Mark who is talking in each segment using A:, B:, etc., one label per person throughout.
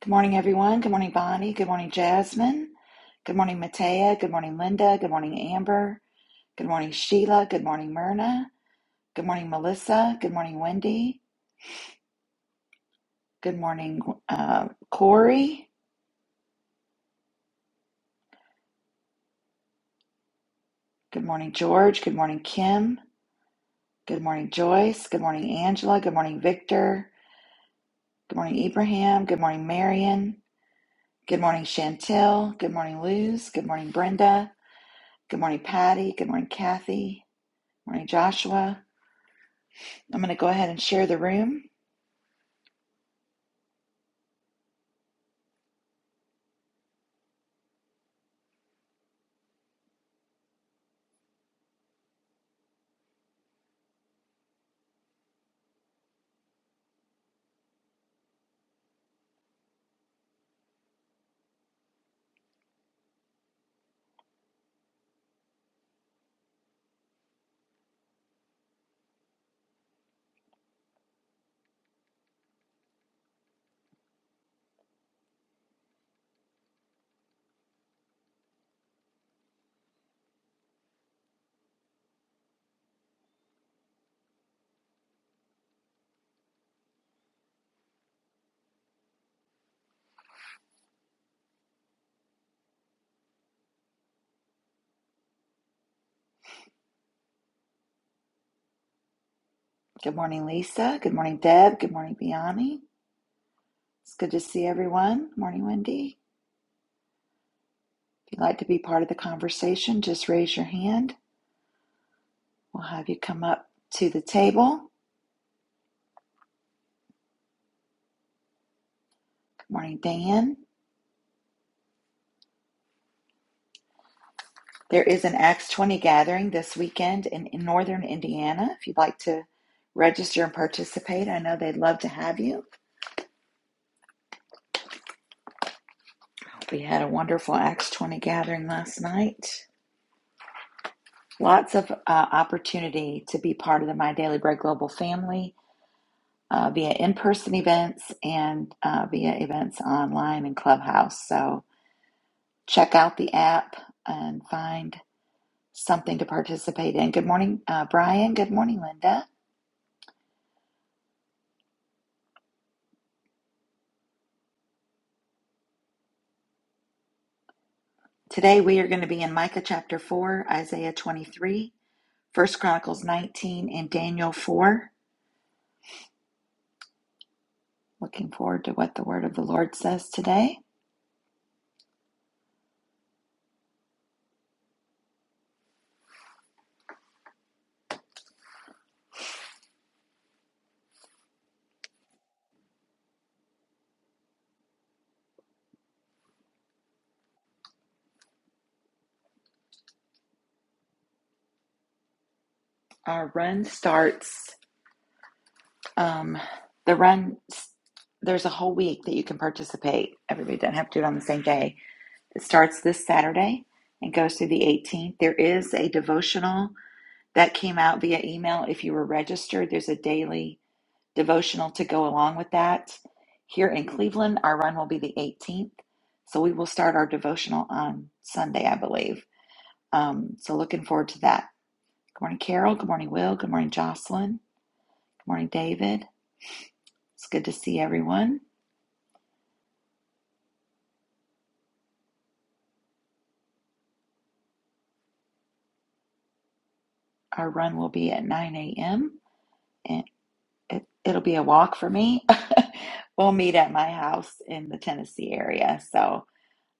A: Good morning, everyone. Good morning, Bonnie. Good morning, Jasmine. Good morning, Matea. Good morning, Linda. Good morning, Amber. Good morning, Sheila. Good morning, Myrna. Good morning, Melissa. Good morning, Wendy. Good morning, uh, Corey. Good morning, George. Good morning, Kim. Good morning, Joyce. Good morning, Angela. Good morning, Victor. Good morning, Ibrahim. Good morning, Marion. Good morning, Chantel. Good morning, Luz. Good morning, Brenda. Good morning, Patty. Good morning, Kathy. Good morning, Joshua. I'm going to go ahead and share the room. Good morning, Lisa. Good morning, Deb. Good morning, Biani. It's good to see everyone. Good Morning, Wendy. If you'd like to be part of the conversation, just raise your hand. We'll have you come up to the table. Good morning, Dan. There is an Acts 20 gathering this weekend in, in northern Indiana. If you'd like to register and participate, I know they'd love to have you. We had a wonderful Acts 20 gathering last night. Lots of uh, opportunity to be part of the My Daily Bread Global family uh, via in-person events and uh, via events online and Clubhouse. So check out the app and find something to participate in. Good morning, uh, Brian. Good morning, Linda. Today we are going to be in Micah chapter 4, Isaiah 23, First Chronicles 19, and Daniel 4. Looking forward to what the word of the Lord says today. Our run starts, um, the run, there's a whole week that you can participate. Everybody doesn't have to do it on the same day It starts this Saturday and goes through the 18th. There is a devotional that came out via email. If you were registered, there's a daily devotional to go along with that. Here in Cleveland, our run will be the 18th. So we will start our devotional on Sunday, I believe. Um, so looking forward to that. Good morning, Carol. Good morning, Will. Good morning, Jocelyn. Good morning, David. It's good to see everyone. Our run will be at 9 a.m. and it, it'll be a walk for me. we'll meet at my house in the Tennessee area. So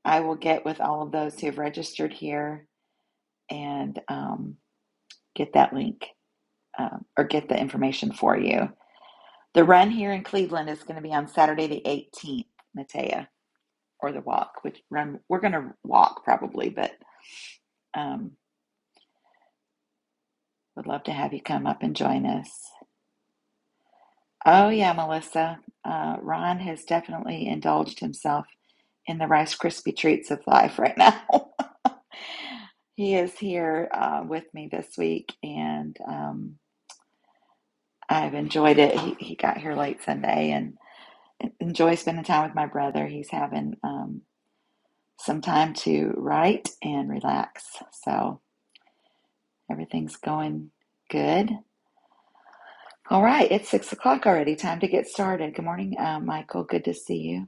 A: I will get with all of those who have registered here and um, get that link um, or get the information for you. The run here in Cleveland is going to be on Saturday the 18th, Matea, or the walk, which run we're going to walk probably, but um, would love to have you come up and join us. Oh, yeah, Melissa. Uh, Ron has definitely indulged himself in the Rice Krispie treats of life right now. he is here uh, with me this week, and um, I've enjoyed it. He, he got here late Sunday and enjoy spending time with my brother. He's having um, some time to write and relax, so everything's going good. All right, it's six o'clock already. Time to get started. Good morning, uh, Michael. Good to see you.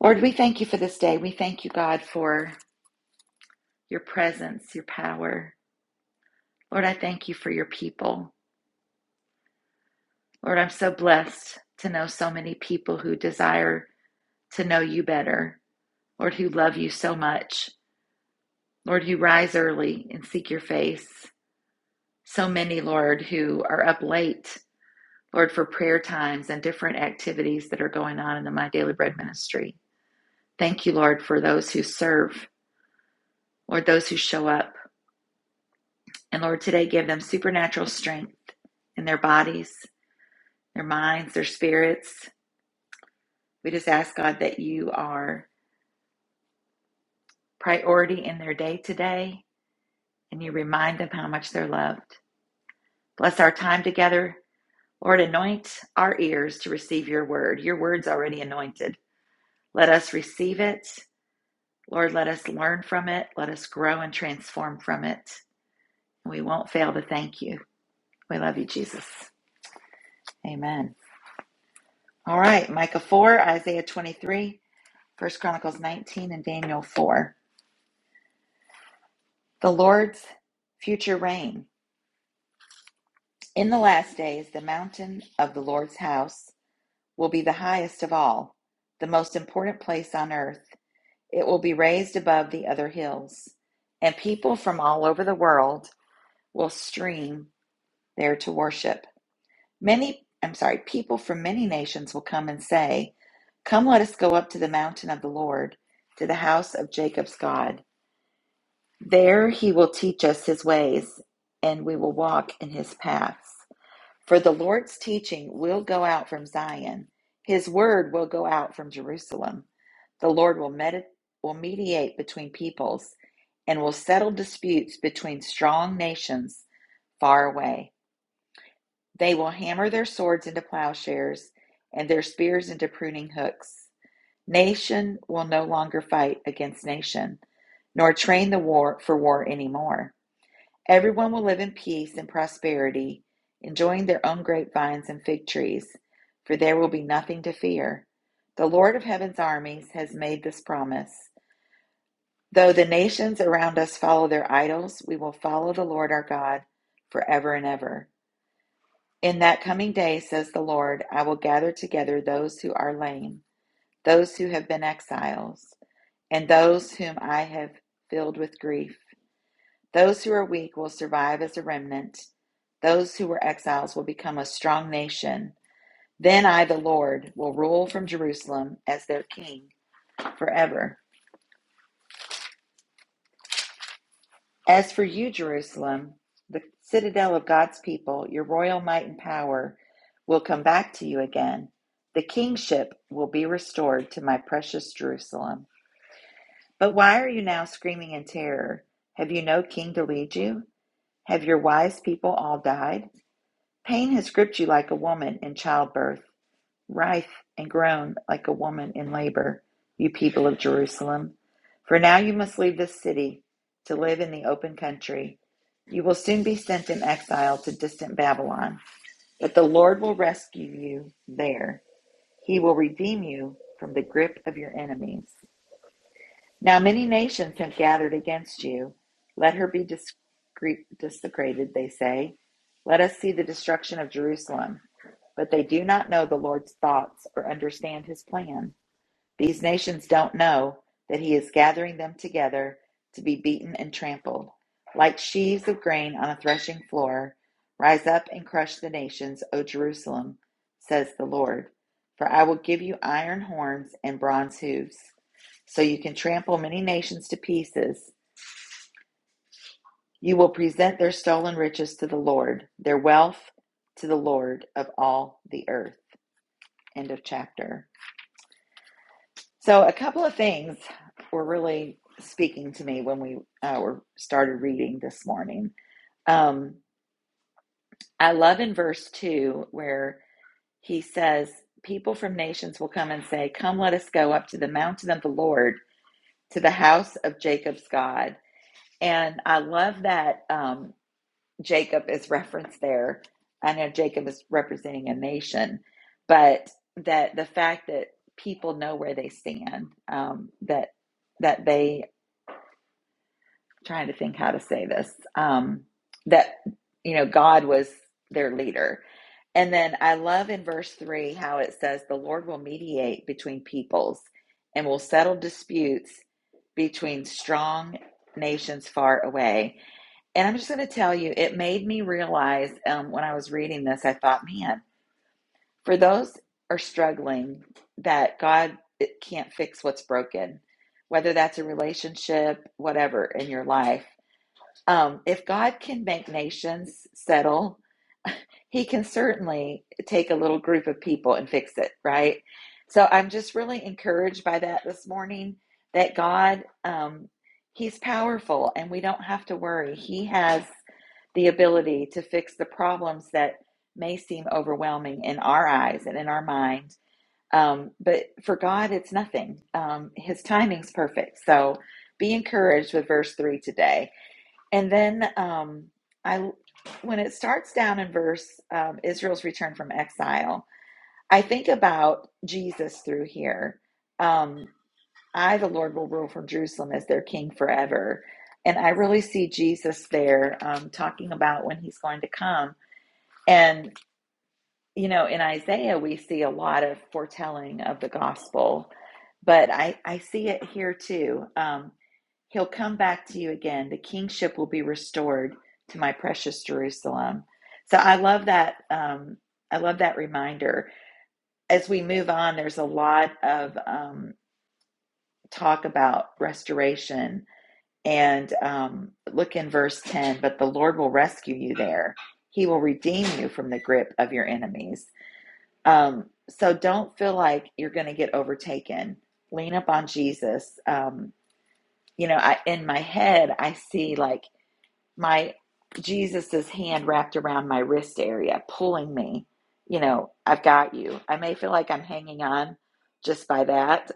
A: Lord, we thank you for this day. We thank you, God, for your presence, your power, Lord, I thank you for your people. Lord, I'm so blessed to know so many people who desire to know you better. Lord, who love you so much. Lord, who rise early and seek your face. So many, Lord, who are up late, Lord, for prayer times and different activities that are going on in the My Daily Bread ministry. Thank you, Lord, for those who serve, Lord, those who show up. And Lord, today give them supernatural strength in their bodies, their minds, their spirits. We just ask God that you are priority in their day today and you remind them how much they're loved. Bless our time together. Lord, anoint our ears to receive your word. Your word's already anointed. Let us receive it. Lord, let us learn from it. Let us grow and transform from it. We won't fail to thank you. We love you, Jesus. Amen. All right, Micah 4, Isaiah 23, First Chronicles 19, and Daniel 4. The Lord's future reign. In the last days, the mountain of the Lord's house will be the highest of all, the most important place on earth. It will be raised above the other hills, and people from all over the world will stream there to worship. Many, I'm sorry, people from many nations will come and say, Come, let us go up to the mountain of the Lord, to the house of Jacob's God. There he will teach us his ways, and we will walk in his paths. For the Lord's teaching will go out from Zion, his word will go out from Jerusalem. The Lord will, medi- will mediate between peoples and will settle disputes between strong nations far away. They will hammer their swords into plowshares and their spears into pruning hooks. Nation will no longer fight against nation, nor train the war for war anymore. Everyone will live in peace and prosperity, enjoying their own grapevines and fig trees, for there will be nothing to fear. The Lord of heaven's armies has made this promise. Though the nations around us follow their idols, we will follow the Lord our God forever and ever. In that coming day, says the Lord, I will gather together those who are lame, those who have been exiles, and those whom I have filled with grief. Those who are weak will survive as a remnant. Those who were exiles will become a strong nation. Then I, the Lord, will rule from Jerusalem as their king forever. As for you, Jerusalem, the citadel of God's people, your royal might and power will come back to you again. The kingship will be restored to my precious Jerusalem. But why are you now screaming in terror? Have you no king to lead you? Have your wise people all died? Pain has gripped you like a woman in childbirth, writhe and groan like a woman in labor, you people of Jerusalem. For now you must leave this city to live in the open country. You will soon be sent in exile to distant Babylon, but the Lord will rescue you there. He will redeem you from the grip of your enemies. Now many nations have gathered against you. Let her be discre- desecrated, they say. Let us see the destruction of Jerusalem. But they do not know the Lord's thoughts or understand his plan. These nations don't know that he is gathering them together to be beaten and trampled. Like sheaves of grain on a threshing floor, rise up and crush the nations, O Jerusalem, says the Lord. For I will give you iron horns and bronze hooves, so you can trample many nations to pieces. You will present their stolen riches to the Lord, their wealth to the Lord of all the earth. End of chapter. So, a couple of things were really speaking to me when we uh, were started reading this morning. Um, I love in verse two where he says, "People from nations will come and say, "Come, let us go up to the mountain of the Lord, to the house of Jacob's God." And I love that um, Jacob is referenced there. I know Jacob is representing a nation, but that the fact that people know where they stand, um, that that they trying to think how to say this um that you know god was their leader and then i love in verse 3 how it says the lord will mediate between peoples and will settle disputes between strong nations far away and i'm just going to tell you it made me realize um, when i was reading this i thought man for those are struggling that god can't fix what's broken whether that's a relationship whatever in your life um, if God can make nations settle, he can certainly take a little group of people and fix it, right? So I'm just really encouraged by that this morning that God, um, he's powerful and we don't have to worry. He has the ability to fix the problems that may seem overwhelming in our eyes and in our mind. Um, but for God, it's nothing. Um, his timing's perfect. So be encouraged with verse 3 today. And then um, I, when it starts down in verse um, Israel's return from exile, I think about Jesus through here. Um, I, the Lord, will rule from Jerusalem as their king forever. And I really see Jesus there um, talking about when he's going to come. and you know, in Isaiah, we see a lot of foretelling of the gospel, but I, I see it here too. Um, He'll come back to you again. The kingship will be restored to my precious Jerusalem. So I love that. Um, I love that reminder. As we move on, there's a lot of um, talk about restoration. And um, look in verse 10 but the Lord will rescue you there, He will redeem you from the grip of your enemies. Um, so don't feel like you're going to get overtaken. Lean up on Jesus. Um, you know, I, in my head, I see like my Jesus's hand wrapped around my wrist area, pulling me. You know, I've got you. I may feel like I'm hanging on just by that,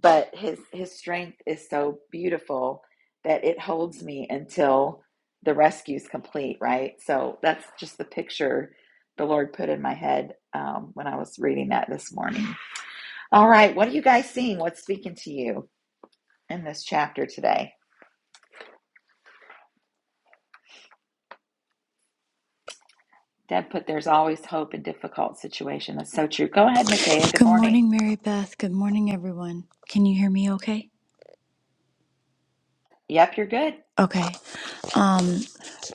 A: but his his strength is so beautiful that it holds me until the rescue is complete right so that's just the picture the lord put in my head um, when i was reading that this morning all right what are you guys seeing what's speaking to you in this chapter today deb put there's always hope in difficult situation that's so true go ahead matea good
B: Good
A: morning
B: morning, Mary Beth. Good morning, everyone. Can you hear me okay?
A: yep you're good
B: Okay. Um,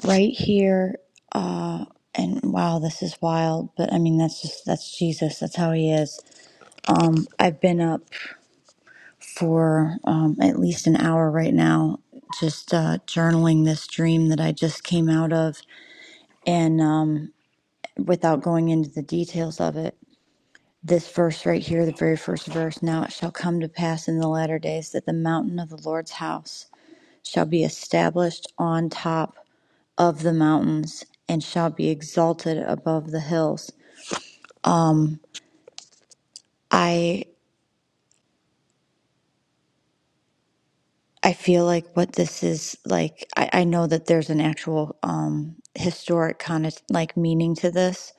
B: right here, uh, and wow, this is wild, but I mean, that's just, that's Jesus. That's how he is. Um, I've been up for um, at least an hour right now, just uh, journaling this dream that I just came out of. And um, without going into the details of it, this verse right here, the very first verse, now it shall come to pass in the latter days that the mountain of the Lord's house shall be established on top of the mountains and shall be exalted above the hills. I I feel like what this is like I, I know that there's an actual um historic kind of like meaning to this.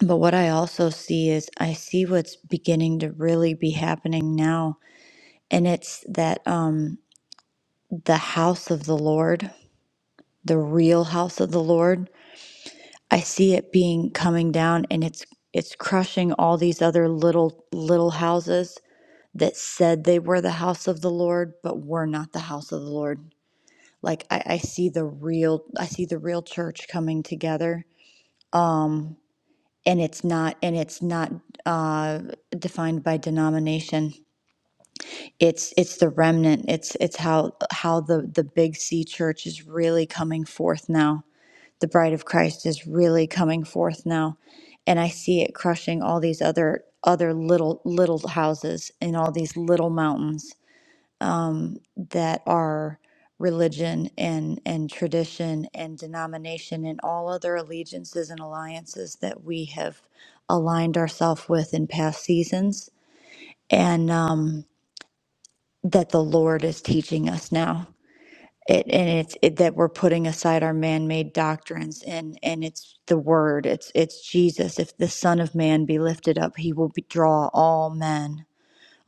B: But what I also see is I see what's beginning to really be happening now. And it's that um the house of the Lord, the real house of the Lord I see it being coming down and it's it's crushing all these other little little houses that said they were the house of the Lord but were not the house of the Lord. Like I, I see the real I see the real church coming together. Um and it's not and it's not uh defined by denomination. It's it's the remnant. It's it's how how the the big C church is really coming forth now the bride of Christ is really coming forth now and I see it crushing all these other other little little houses and all these little mountains um, that are religion and and tradition and denomination and all other allegiances and alliances that we have aligned ourselves with in past seasons and um, that the Lord is teaching us now it, and it's it, that we're putting aside our man-made doctrines and and it's the word it's it's jesus if the son of man be lifted up he will be, draw all men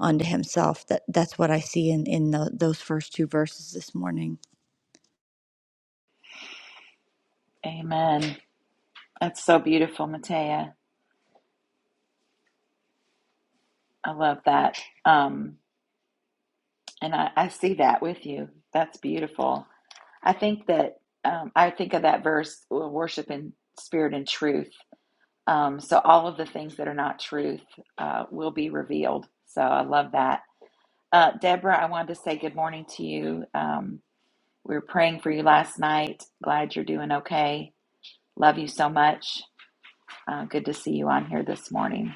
B: unto himself that that's what i see in in the, those first two verses this morning
A: amen that's so beautiful matea i love that um, And I, I see that with you. That's beautiful. I think that um, I think of that verse, uh, worship in spirit and truth. Um, so all of the things that are not truth uh, will be revealed. So I love that. Uh, Deborah, I wanted to say good morning to you. Um, we were praying for you last night. Glad you're doing okay. Love you so much. Uh, good to see you on here this morning.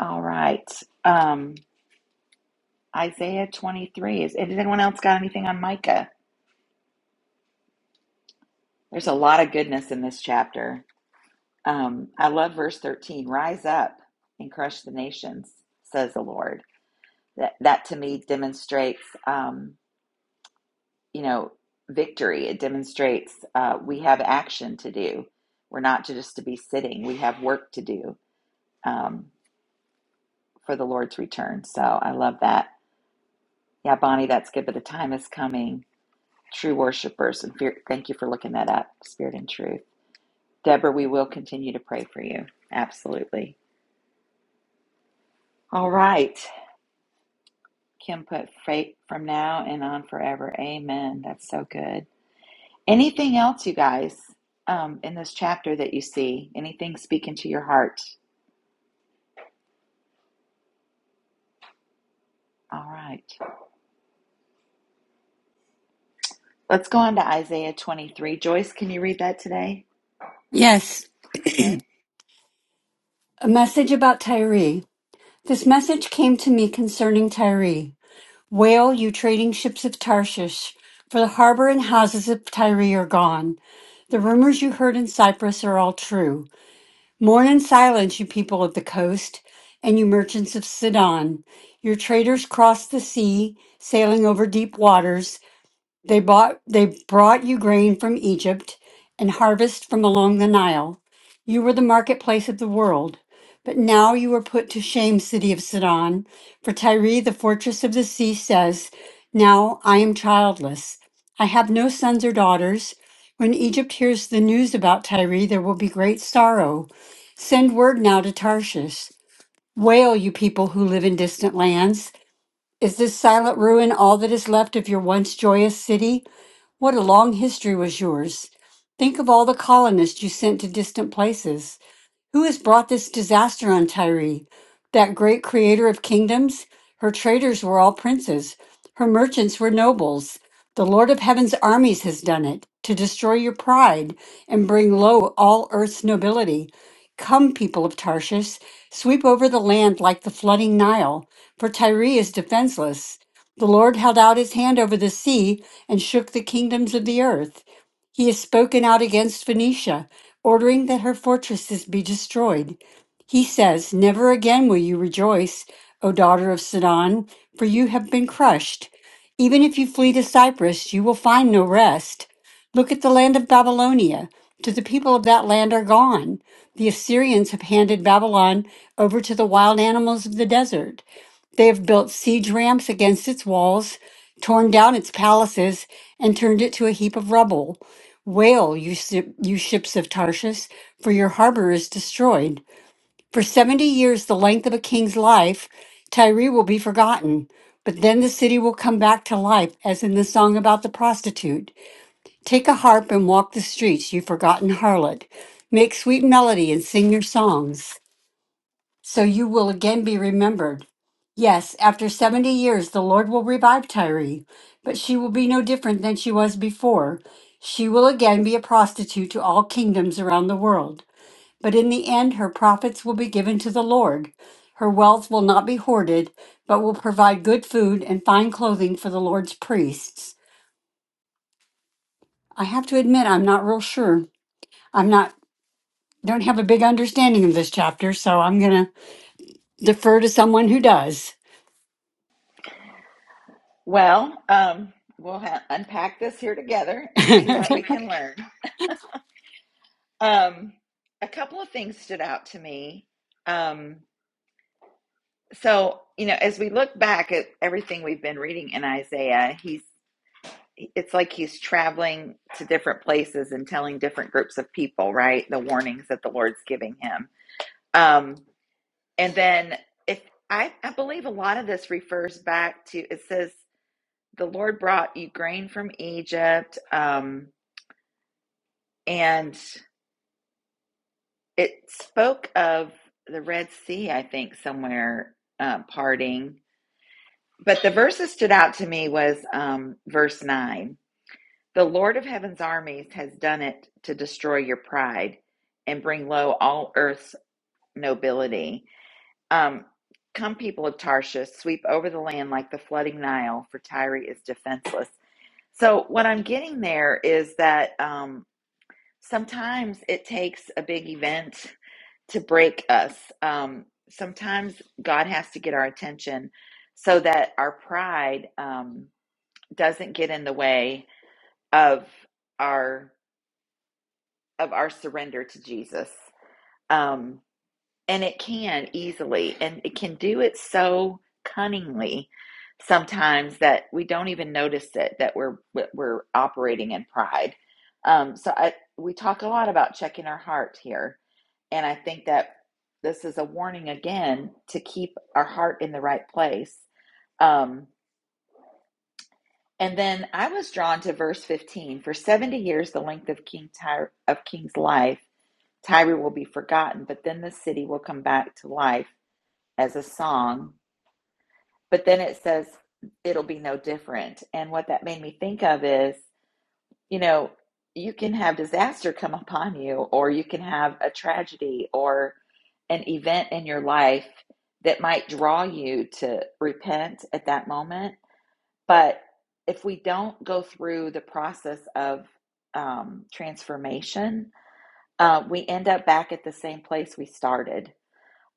A: All right. Um, Isaiah 23. Is, has anyone else got anything on Micah? There's a lot of goodness in this chapter. Um, I love verse 13. Rise up and crush the nations, says the Lord. That that to me demonstrates, um, you know, victory. It demonstrates uh, we have action to do. We're not just to be sitting. We have work to do um, for the Lord's return. So I love that. Yeah, Bonnie, that's good. But the time is coming. True worshipers, and fear, thank you for looking that up. Spirit and truth, Deborah. We will continue to pray for you. Absolutely. All right. Kim put fate from now and on forever. Amen. That's so good. Anything else, you guys, um, in this chapter that you see? Anything speaking to your heart? All right. Let's go on to Isaiah 23. Joyce, can you read that today?
C: Yes,
A: Okay.
C: a message about Tyre. This message came to me concerning Tyre. Wail, you trading ships of Tarshish, for the harbor and houses of Tyre are gone. The rumors you heard in Cyprus are all true. Mourn in silence, you people of the coast, and you merchants of Sidon. Your traders crossed the sea, sailing over deep waters. They bought they brought you grain from Egypt and harvest from along the Nile. You were the marketplace of the world, but now you are put to shame, city of Sidon. For Tyre, the fortress of the sea, says, Now I am childless. I have no sons or daughters. When Egypt hears the news about Tyre, there will be great sorrow. Send word now to Tarshish. Wail, you people who live in distant lands. Is this silent ruin all that is left of your once joyous city? What a long history was yours. Think of all the colonists you sent to distant places. Who has brought this disaster on Tyre? That great creator of kingdoms? Her traders were all princes, her merchants were nobles. The Lord of heaven's armies has done it to destroy your pride and bring low all earth's nobility. Come, people of Tarshish, sweep over the land like the flooding Nile, for Tyre is defenseless. The Lord held out his hand over the sea and shook the kingdoms of the earth. He has spoken out against Phoenicia, ordering that her fortresses be destroyed. He says, Never again will you rejoice, O daughter of Sidon, for you have been crushed. Even if you flee to Cyprus, you will find no rest. Look at the land of Babylonia, for the people of that land are gone. The Assyrians have handed Babylon over to the wild animals of the desert. They have built siege ramps against its walls, torn down its palaces, and turned it to a heap of rubble. Wail, you, si- you ships of Tarshish, for your harbor is destroyed. For seventy years, the length of a king's life, Tyre will be forgotten. But then the city will come back to life, as in the song about the prostitute. Take a harp and walk the streets, you forgotten harlot. Make sweet melody and sing your songs so you will again be remembered. Yes, after 70 years, the Lord will revive Tyree, but she will be no different than she was before. She will again be a prostitute to all kingdoms around the world. But in the end, her profits will be given to the Lord. Her wealth will not be hoarded, but will provide good food and fine clothing for the Lord's priests. I have to admit, I'm not real sure. I'm not, don't have a big understanding of this chapter, so I'm going to defer to someone who does.
A: Well, um, we'll ha- unpack this here together and see what we can learn. Um, a couple of things stood out to me. Um, so, you know, as we look back at everything we've been reading in Isaiah, he's it's like he's traveling to different places and telling different groups of people, right? The warnings that the Lord's giving him. Um, and then if I, I believe a lot of this refers back to it says the Lord brought you grain from Egypt, um, and it spoke of the Red Sea, I think, somewhere uh, parting. But the verse that stood out to me was um, verse nine The Lord of heaven's armies has done it to destroy your pride and bring low all earth's nobility. Um, come, people of Tarshish, sweep over the land like the flooding Nile, for Tyre is defenseless. So, what I'm getting there is that um, sometimes it takes a big event to break us. Um, sometimes God has to get our attention so that our pride um, doesn't get in the way of our of our surrender to Jesus. Um, and it can easily, and it can do it so cunningly sometimes that we don't even notice it that we're we're operating in pride. Um, so I we talk a lot about checking our heart here, and I think that this is a warning again to keep our heart in the right place. Um, and then I was drawn to verse 15. For 70 years, the length of King Tyre, of King's life Tyre will be forgotten, but then the city will come back to life as a song. But then it says it'll be no different. And what that made me think of is, you know, you can have disaster come upon you, or you can have a tragedy or an event in your life that might draw you to repent at that moment. But if we don't go through the process of um, transformation, uh, we end up back at the same place we started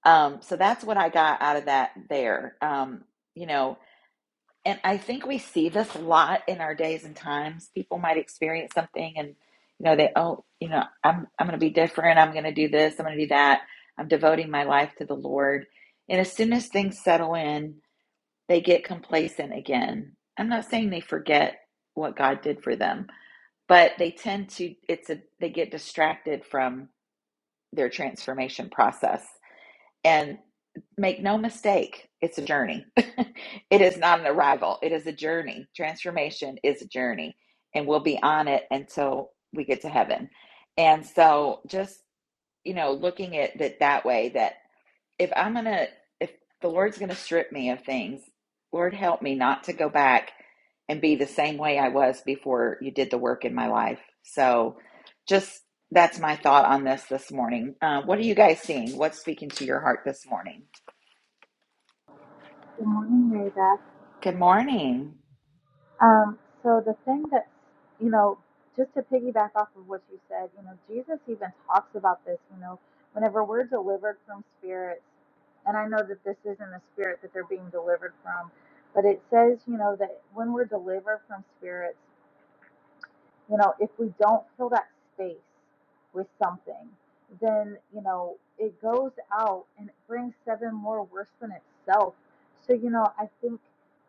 A: Um, so that's what I got out of that there. Um, you know, and I think we see this a lot in our days and times. People might experience something and you know, they oh, you know, I'm I'm gonna be different, I'm gonna do this, I'm gonna do that, I'm devoting my life to the Lord. And as soon as things settle in, they get complacent again. I'm not saying they forget what God did for them, but they tend to it's a they get distracted from their transformation process and make no mistake, it's a journey. it is not an arrival, it is a journey. Transformation is a journey, and we'll be on it until we get to heaven. And so, just you know, looking at it that way, that if I'm gonna, if the Lord's gonna strip me of things, Lord, help me not to go back and be the same way I was before you did the work in my life. So, just that's my thought on this this morning. Uh, what are you guys seeing? What's speaking to your heart this morning?
D: Good morning, Mary Beth.
A: Good morning.
D: Um, so the thing that you know, just to piggyback off of what you said, you know, Jesus even talks about this, you know, whenever we're delivered from spirits, and I know that this isn't a spirit that they're being delivered from, but it says, you know, that when we're delivered from spirits, You know, if we don't fill that space with something, then, you know, it goes out and it brings seven more worse than itself. So, you know, I think,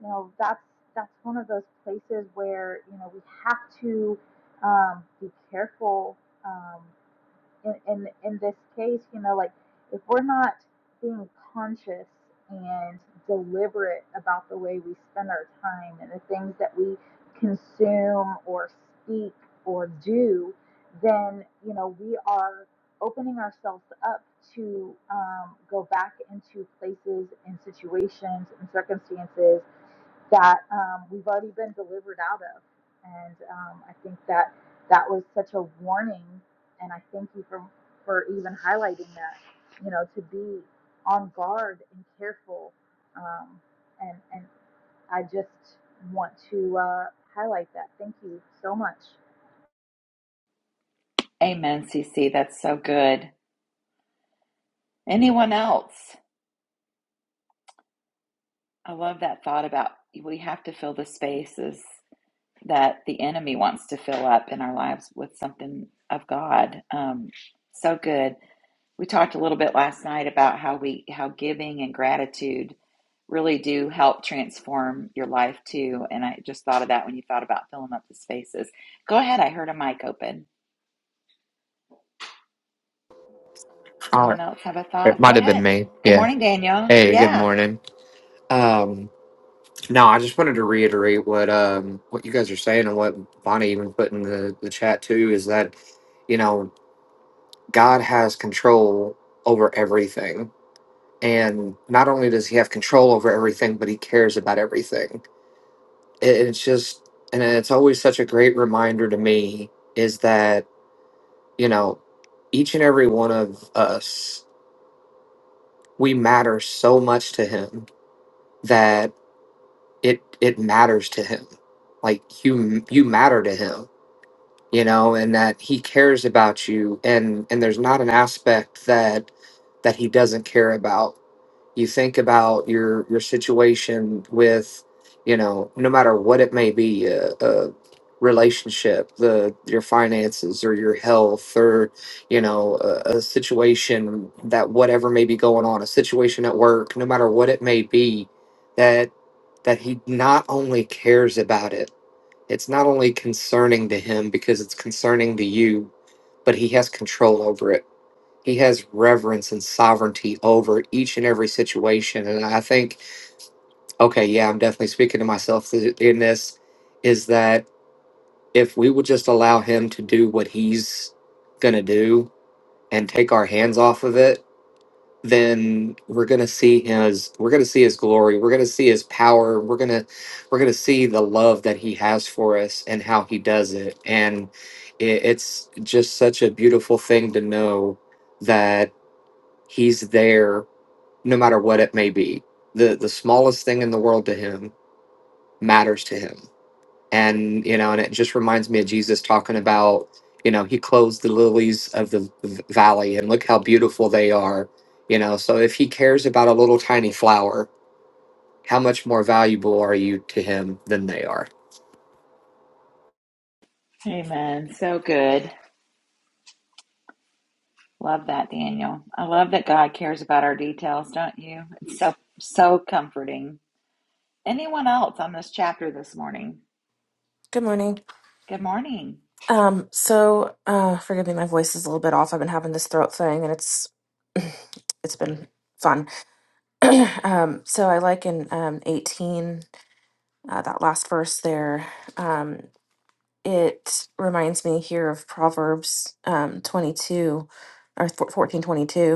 D: you know, that's that's one of those places where, you know, we have to um, be careful um, in, in in this case, you know, like if we're not being conscious and deliberate about the way we spend our time and the things that we consume or speak or do, then you know we are opening ourselves up to um, go back into places and situations and circumstances that um, we've already been delivered out of. And um, I think that that was such a warning. And I thank you for, for even highlighting that, you know, to be on guard and careful. Um, and, and I just want to uh, highlight that. Thank you so much.
A: Amen, CC. That's so good. Anyone else? I love that thought about we have to fill the spaces that the enemy wants to fill up in our lives with something of God. Um, so good. we talked a little bit last night about how we how giving and gratitude really do help transform your life too and i just thought of that when you thought about filling up the spaces go ahead i heard a mic open
E: Uh,
A: someone else have a
E: it
A: thought go
E: might have been
A: ahead
E: me.
A: good
E: Yeah.
A: morning daniel
E: Hey, good
A: yeah
E: morning. Um, no, I just wanted to reiterate what um what you guys are saying and what Bonnie even put in the, the chat too is that, you know, God has control over everything. And not only does he have control over everything, but he cares about everything. It, it's just and it's always such a great reminder to me is that, you know, each and every one of us, we matter so much to him that it it matters to him like you you matter to him you know and that he cares about you and and there's not an aspect that that he doesn't care about you think about your your situation with you know no matter what it may be a, a relationship the your finances or your health or you know a, a situation that whatever may be going on a situation at work no matter what it may be that that he not only cares about it it's not only concerning to him because it's concerning to you but he has control over it he has reverence and sovereignty over each and every situation. And I think, okay, yeah, I'm definitely speaking to myself th- in this, is that if we would just allow him to do what he's going to do and take our hands off of it, then we're going to see his we're going to see his glory we're going to see his power we're going to we're going to see the love that he has for us and how he does it and it, it's just such a beautiful thing to know that he's there no matter what it may be. The the smallest thing in the world to him matters to him. And you know, and it just reminds me of Jesus talking about, you know, he clothes the lilies of the v- valley and look how beautiful they are. You know, so if he cares about a little tiny flower, how much more valuable are you to him than they are?
A: amen so good love that daniel i love that god cares about our details don't you it's so so comforting anyone else on this chapter this morning
F: Good morning.
A: good morning
F: Um, so uh forgive me, my voice is a little bit off. I've been having this throat thing and it's it's been fun. Um, so I like in um 18, uh, that last verse there, um, it reminds me here of Proverbs um 22 or 14:22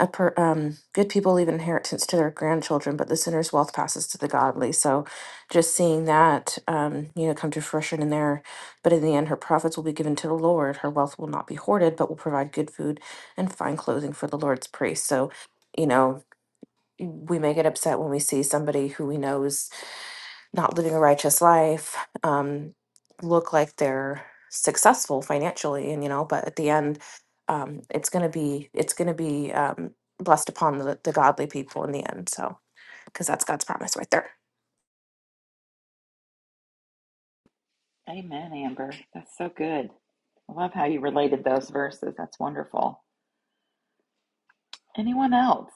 F: A per, um, good people leave an inheritance to their grandchildren, but the sinner's wealth passes to the godly. So, just seeing that, um, you know, come to fruition in there. But in the end, her profits will be given to the Lord. Her wealth will not be hoarded, but will provide good food and fine clothing for the Lord's priests. So, you know, we may get upset when we see somebody who we know is not living a righteous life um, look like they're successful financially and you know but at the end um, it's going to be it's going to be um, blessed upon the, the godly people in the end so because that's god's promise right there
A: Amen, Amber. That's so good. I love how you related those verses. That's wonderful. Anyone else?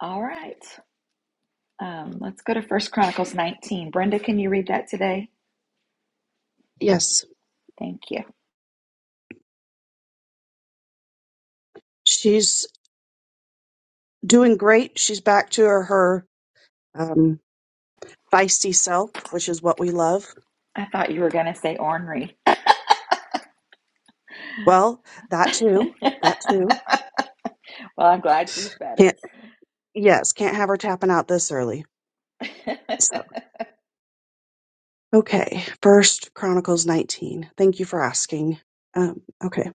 A: All right. Um, let's go to First Chronicles 19. Brenda, can you read that today?
G: Yes,
A: Thank you.
G: she's doing great. She's back to her, her um, feisty self, which is what we love.
A: I thought you were going to say ornery.
G: Well, that too.
A: well,
G: That too.
A: I'm glad she's
G: Can't.
A: better.
G: Yes, can't have her tapping out this early. So okay, First Chronicles nineteen. Thank you for asking. Um, okay.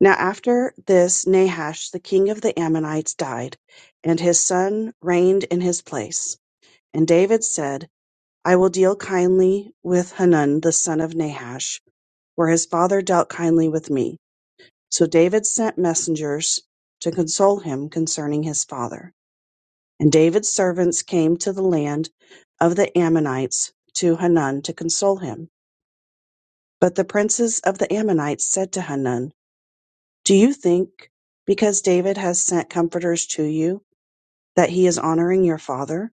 G: Now after this, Nahash, the king of the Ammonites, died, and his son reigned in his place. And David said, "I will deal kindly with Hanun the son of Nahash." where his father dealt kindly with me. So David sent messengers to console him concerning his father. And David's servants came to the land of the Ammonites to Hanun to console him. But the princes of the Ammonites said to Hanun, Do you think, because David has sent comforters to you, that he is honoring your father?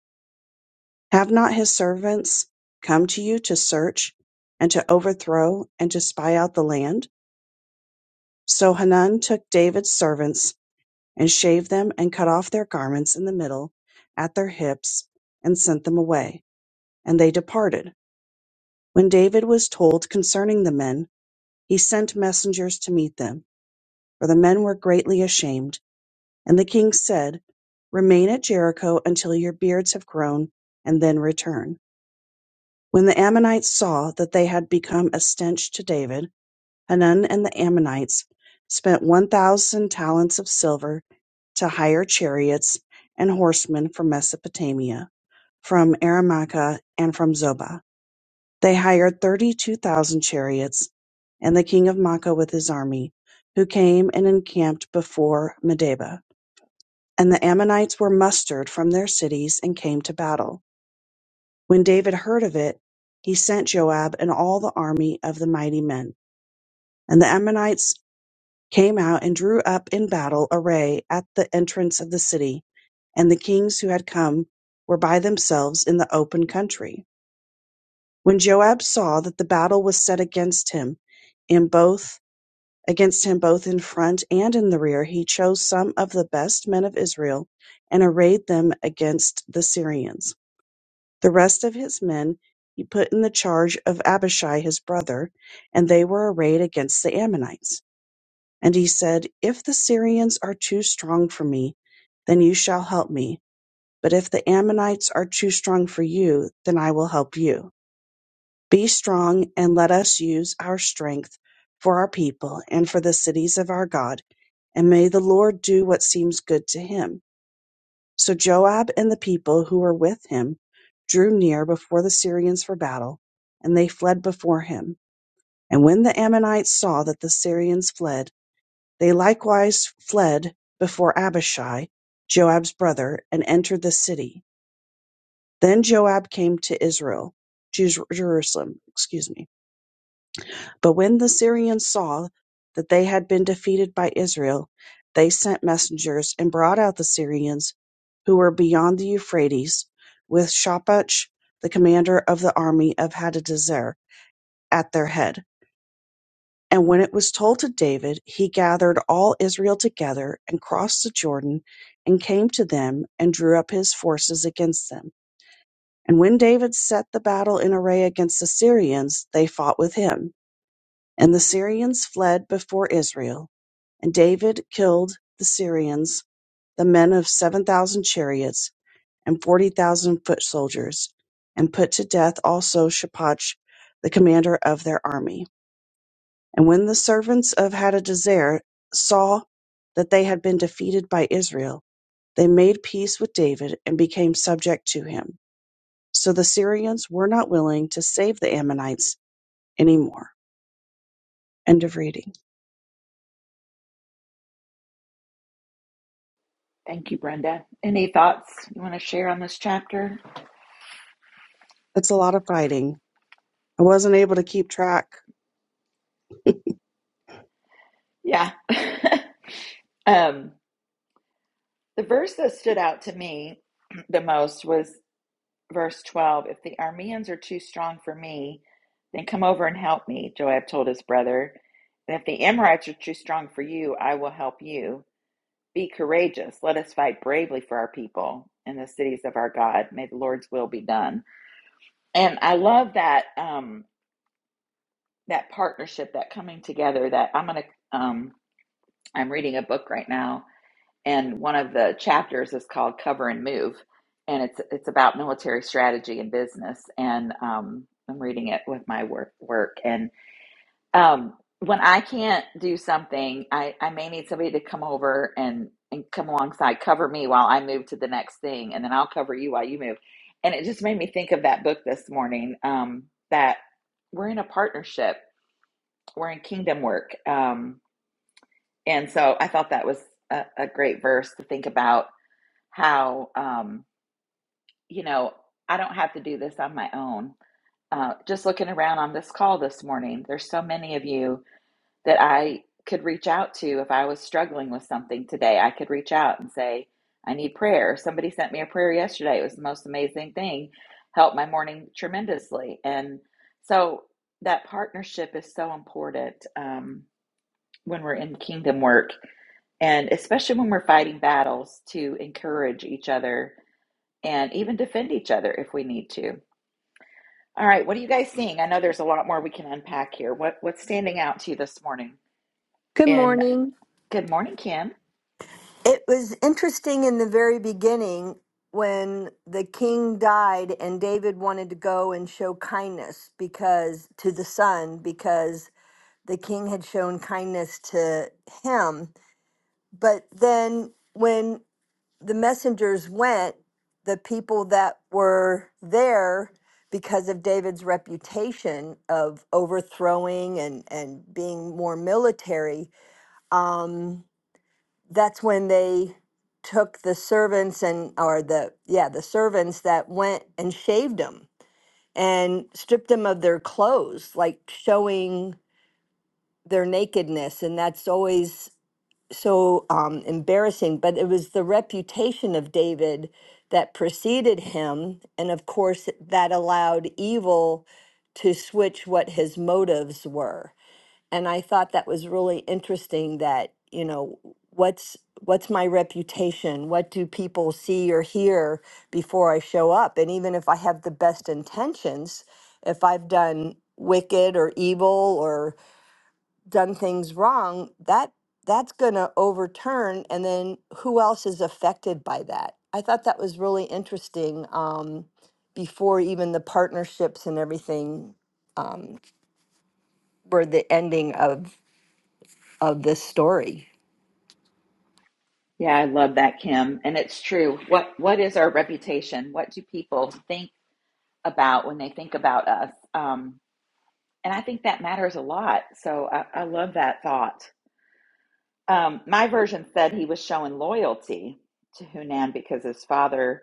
G: Have not his servants come to you to search and to overthrow and to spy out the land? So Hanun took David's servants and shaved them and cut off their garments in the middle at their hips and sent them away. And they departed. When David was told concerning the men, he sent messengers to meet them, for the men were greatly ashamed. And the king said, Remain at Jericho until your beards have grown, and then return. When the Ammonites saw that they had become a stench to David, Hanun and the Ammonites spent one thousand talents of silver to hire chariots and horsemen from Mesopotamia, from Aramaica, and from Zobah. They hired thirty-two thousand chariots, and the king of Makkah with his army, who came and encamped before Medeba. And the Ammonites were mustered from their cities and came to battle. When David heard of it, he sent Joab and all the army of the mighty men. And the Ammonites came out and drew up in battle array at the entrance of the city, and the kings who had come were by themselves in the open country. When Joab saw that the battle was set against him in both against him both in front and in the rear, he chose some of the best men of Israel and arrayed them against the Syrians. The rest of his men he put in the charge of Abishai his brother, and they were arrayed against the Ammonites. And he said, If the Syrians are too strong for me, then you shall help me. But if the Ammonites are too strong for you, then I will help you. Be strong and let us use our strength for our people and for the cities of our God. And may the Lord do what seems good to him. So Joab and the people who were with him drew near before the Syrians for battle, and they fled before him. And when the Ammonites saw that the Syrians fled, They likewise fled before Abishai, Joab's brother, and entered the city. Then Joab came to Israel, Jer- Jerusalem, excuse me. But when the Syrians saw that they had been defeated by Israel, they sent messengers and brought out the Syrians who were beyond the Euphrates, with Shapach, the commander of the army of Hadadezer, at their head. And when it was told to David, he gathered all Israel together, and crossed the Jordan, and came to them, and drew up his forces against them. And when David set the battle in array against the Syrians, they fought with him. And the Syrians fled before Israel. And David killed the Syrians, the men of 7,000 chariots and 40,000 foot soldiers, and put to death also Shapach, the commander of their army. And when the servants of Hadadezer saw that they had been defeated by Israel, they made peace with David and became subject to him. So the Syrians were not willing to save the Ammonites anymore. End of reading.
A: Thank you, Brenda. Any thoughts you want to share on this chapter?
G: That's a lot of fighting. I wasn't able to keep track.
A: Yeah. um, the verse that stood out to me the most was verse 12 if the Arameans are too strong for me then come over and help me joab told his brother and if the amorites are too strong for you i will help you be courageous let us fight bravely for our people and the cities of our god may the lord's will be done and i love that um that partnership that coming together that i'm gonna um i'm reading a book right now and one of the chapters is called cover and move and it's it's about military strategy and business and um, i'm reading it with my work work and um, when i can't do something I, I may need somebody to come over and and come alongside cover me while i move to the next thing and then i'll cover you while you move and it just made me think of that book this morning um, that we're in a partnership we're in kingdom work um, and so i thought that was a, a great verse to think about how um, you know I don't have to do this on my own. Uh, just looking around on this call this morning, there's so many of you that I could reach out to if I was struggling with something today. I could reach out and say, "I need prayer." Somebody sent me a prayer yesterday. It was the most amazing thing. Helped my morning tremendously, and so that partnership is so important um, when we're in kingdom work, and especially when we're fighting battles to encourage each other and even defend each other if we need to. All right, what are you guys seeing? I know there's a lot more we can unpack here. What what's standing out to you this morning?
H: Good
A: And
H: morning.
A: good morning, Kim.
H: It was interesting in the very beginning when the king died and David wanted to go and show kindness because to the son because the king had shown kindness to him. But then when the messengers went, the people that were there because of David's reputation of overthrowing and, and being more military, um that's when they took the servants and or the yeah the servants that went and shaved them and stripped them of their clothes like showing their nakedness and that's always so um, embarrassing but it was the reputation of david that preceded him and of course that allowed evil to switch what his motives were and I thought that was really interesting that, you know, what's what's my reputation? What do people see or hear before I show up? And even if I have the best intentions, if I've done wicked or evil or done things wrong, that that's going to overturn and then who else is affected by that? I thought that was really interesting um, before even the partnerships and everything um, were the ending of of this story.
A: Yeah, I love that, Kim. And it's true. What what is our reputation? What do people think about when they think about us? Um, and I think that matters a lot. So I, I love that thought. Um, my version said he was showing loyalty to Hunan because his father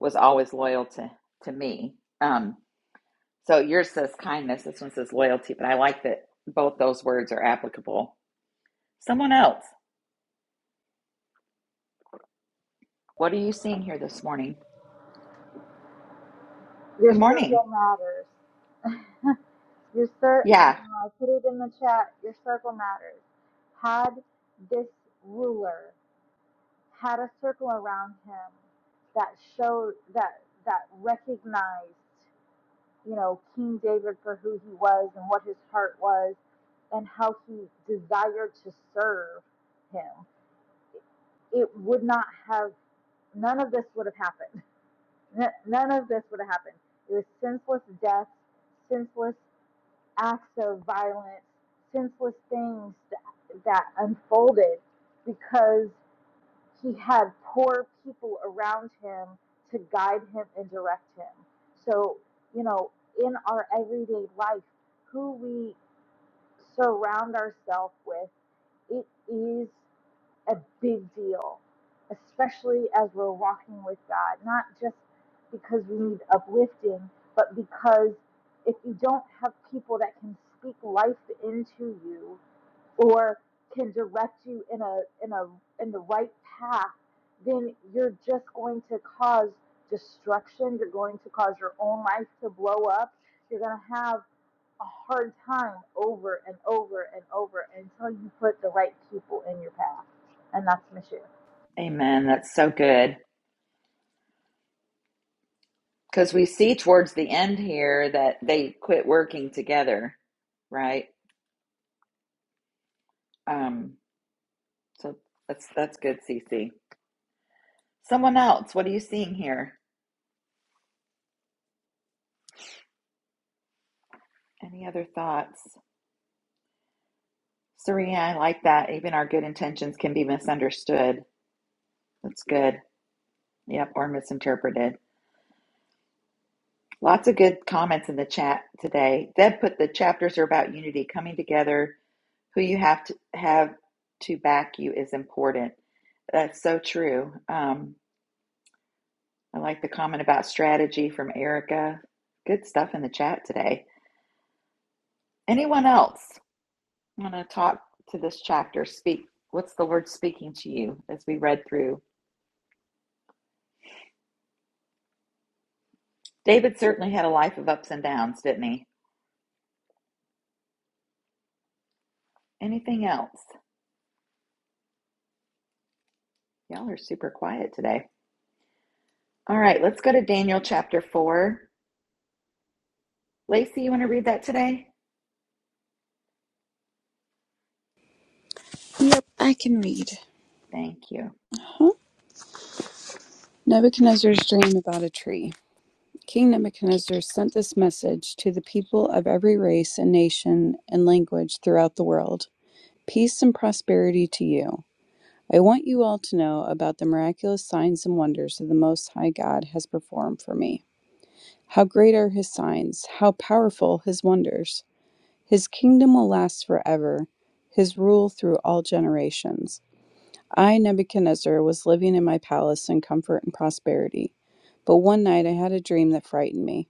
A: was always loyal to to me. Um, So yours says kindness. This one says loyalty, but I like that both those words are applicable. Someone else, what are you seeing here this morning?
D: Your
A: Good morning.
D: circle matters. your cir- you know,
A: Yeah,
D: I put it in the chat. Your circle matters. Had this ruler had a circle around him that showed that that recognized, you know, King David for who he was and what his heart was and how he desired to serve him. It would not have none of this would have happened. None of this would have happened. It was senseless death, senseless acts of violence, senseless things that, that unfolded because he had poor people around him to guide him and direct him. So, you know, in our everyday life, who we surround ourselves with, it is a big deal, especially as we're walking with God, not just because we need uplifting, but because if you don't have people that can speak life into you, or can direct you in a in a in the right path then you're just going to cause destruction you're going to cause your own life to blow up you're going to have a hard time over and over and over until you put the right people in your path and that's Michelle.
A: amen. That's so good. Because we see towards the end here that they quit working together, right? Um, so that's that's good, Cece. Someone else, what are you seeing here? Any other thoughts? Serena, I like that. Even our good intentions can be misunderstood. That's good. Yep, or misinterpreted. Lots of good comments in the chat today. Deb put the chapters are about unity, coming together. Who you have to have to back you is important. That's so true. Um, I like the comment about strategy from Erica. Good stuff in the chat today. Anyone else want to talk to this chapter? Speak. What's the Lord speaking to you as we read through? David certainly had a life of ups and downs, didn't he? Anything else? Y'all are super quiet today. All right, let's go to Daniel chapter 4. Lacey, you want to read that today?
I: Yep, I can read.
A: Thank you.
I: Huh? Nebuchadnezzar's dream about a tree. King Nebuchadnezzar sent this message to the people of every race and nation and language throughout the world Peace and prosperity to you. I want you all to know about the miraculous signs and wonders that the Most High God has performed for me. How great are his signs, how powerful his wonders. His kingdom will last forever, his rule through all generations. I, Nebuchadnezzar, was living in my palace in comfort and prosperity. But one night I had a dream that frightened me.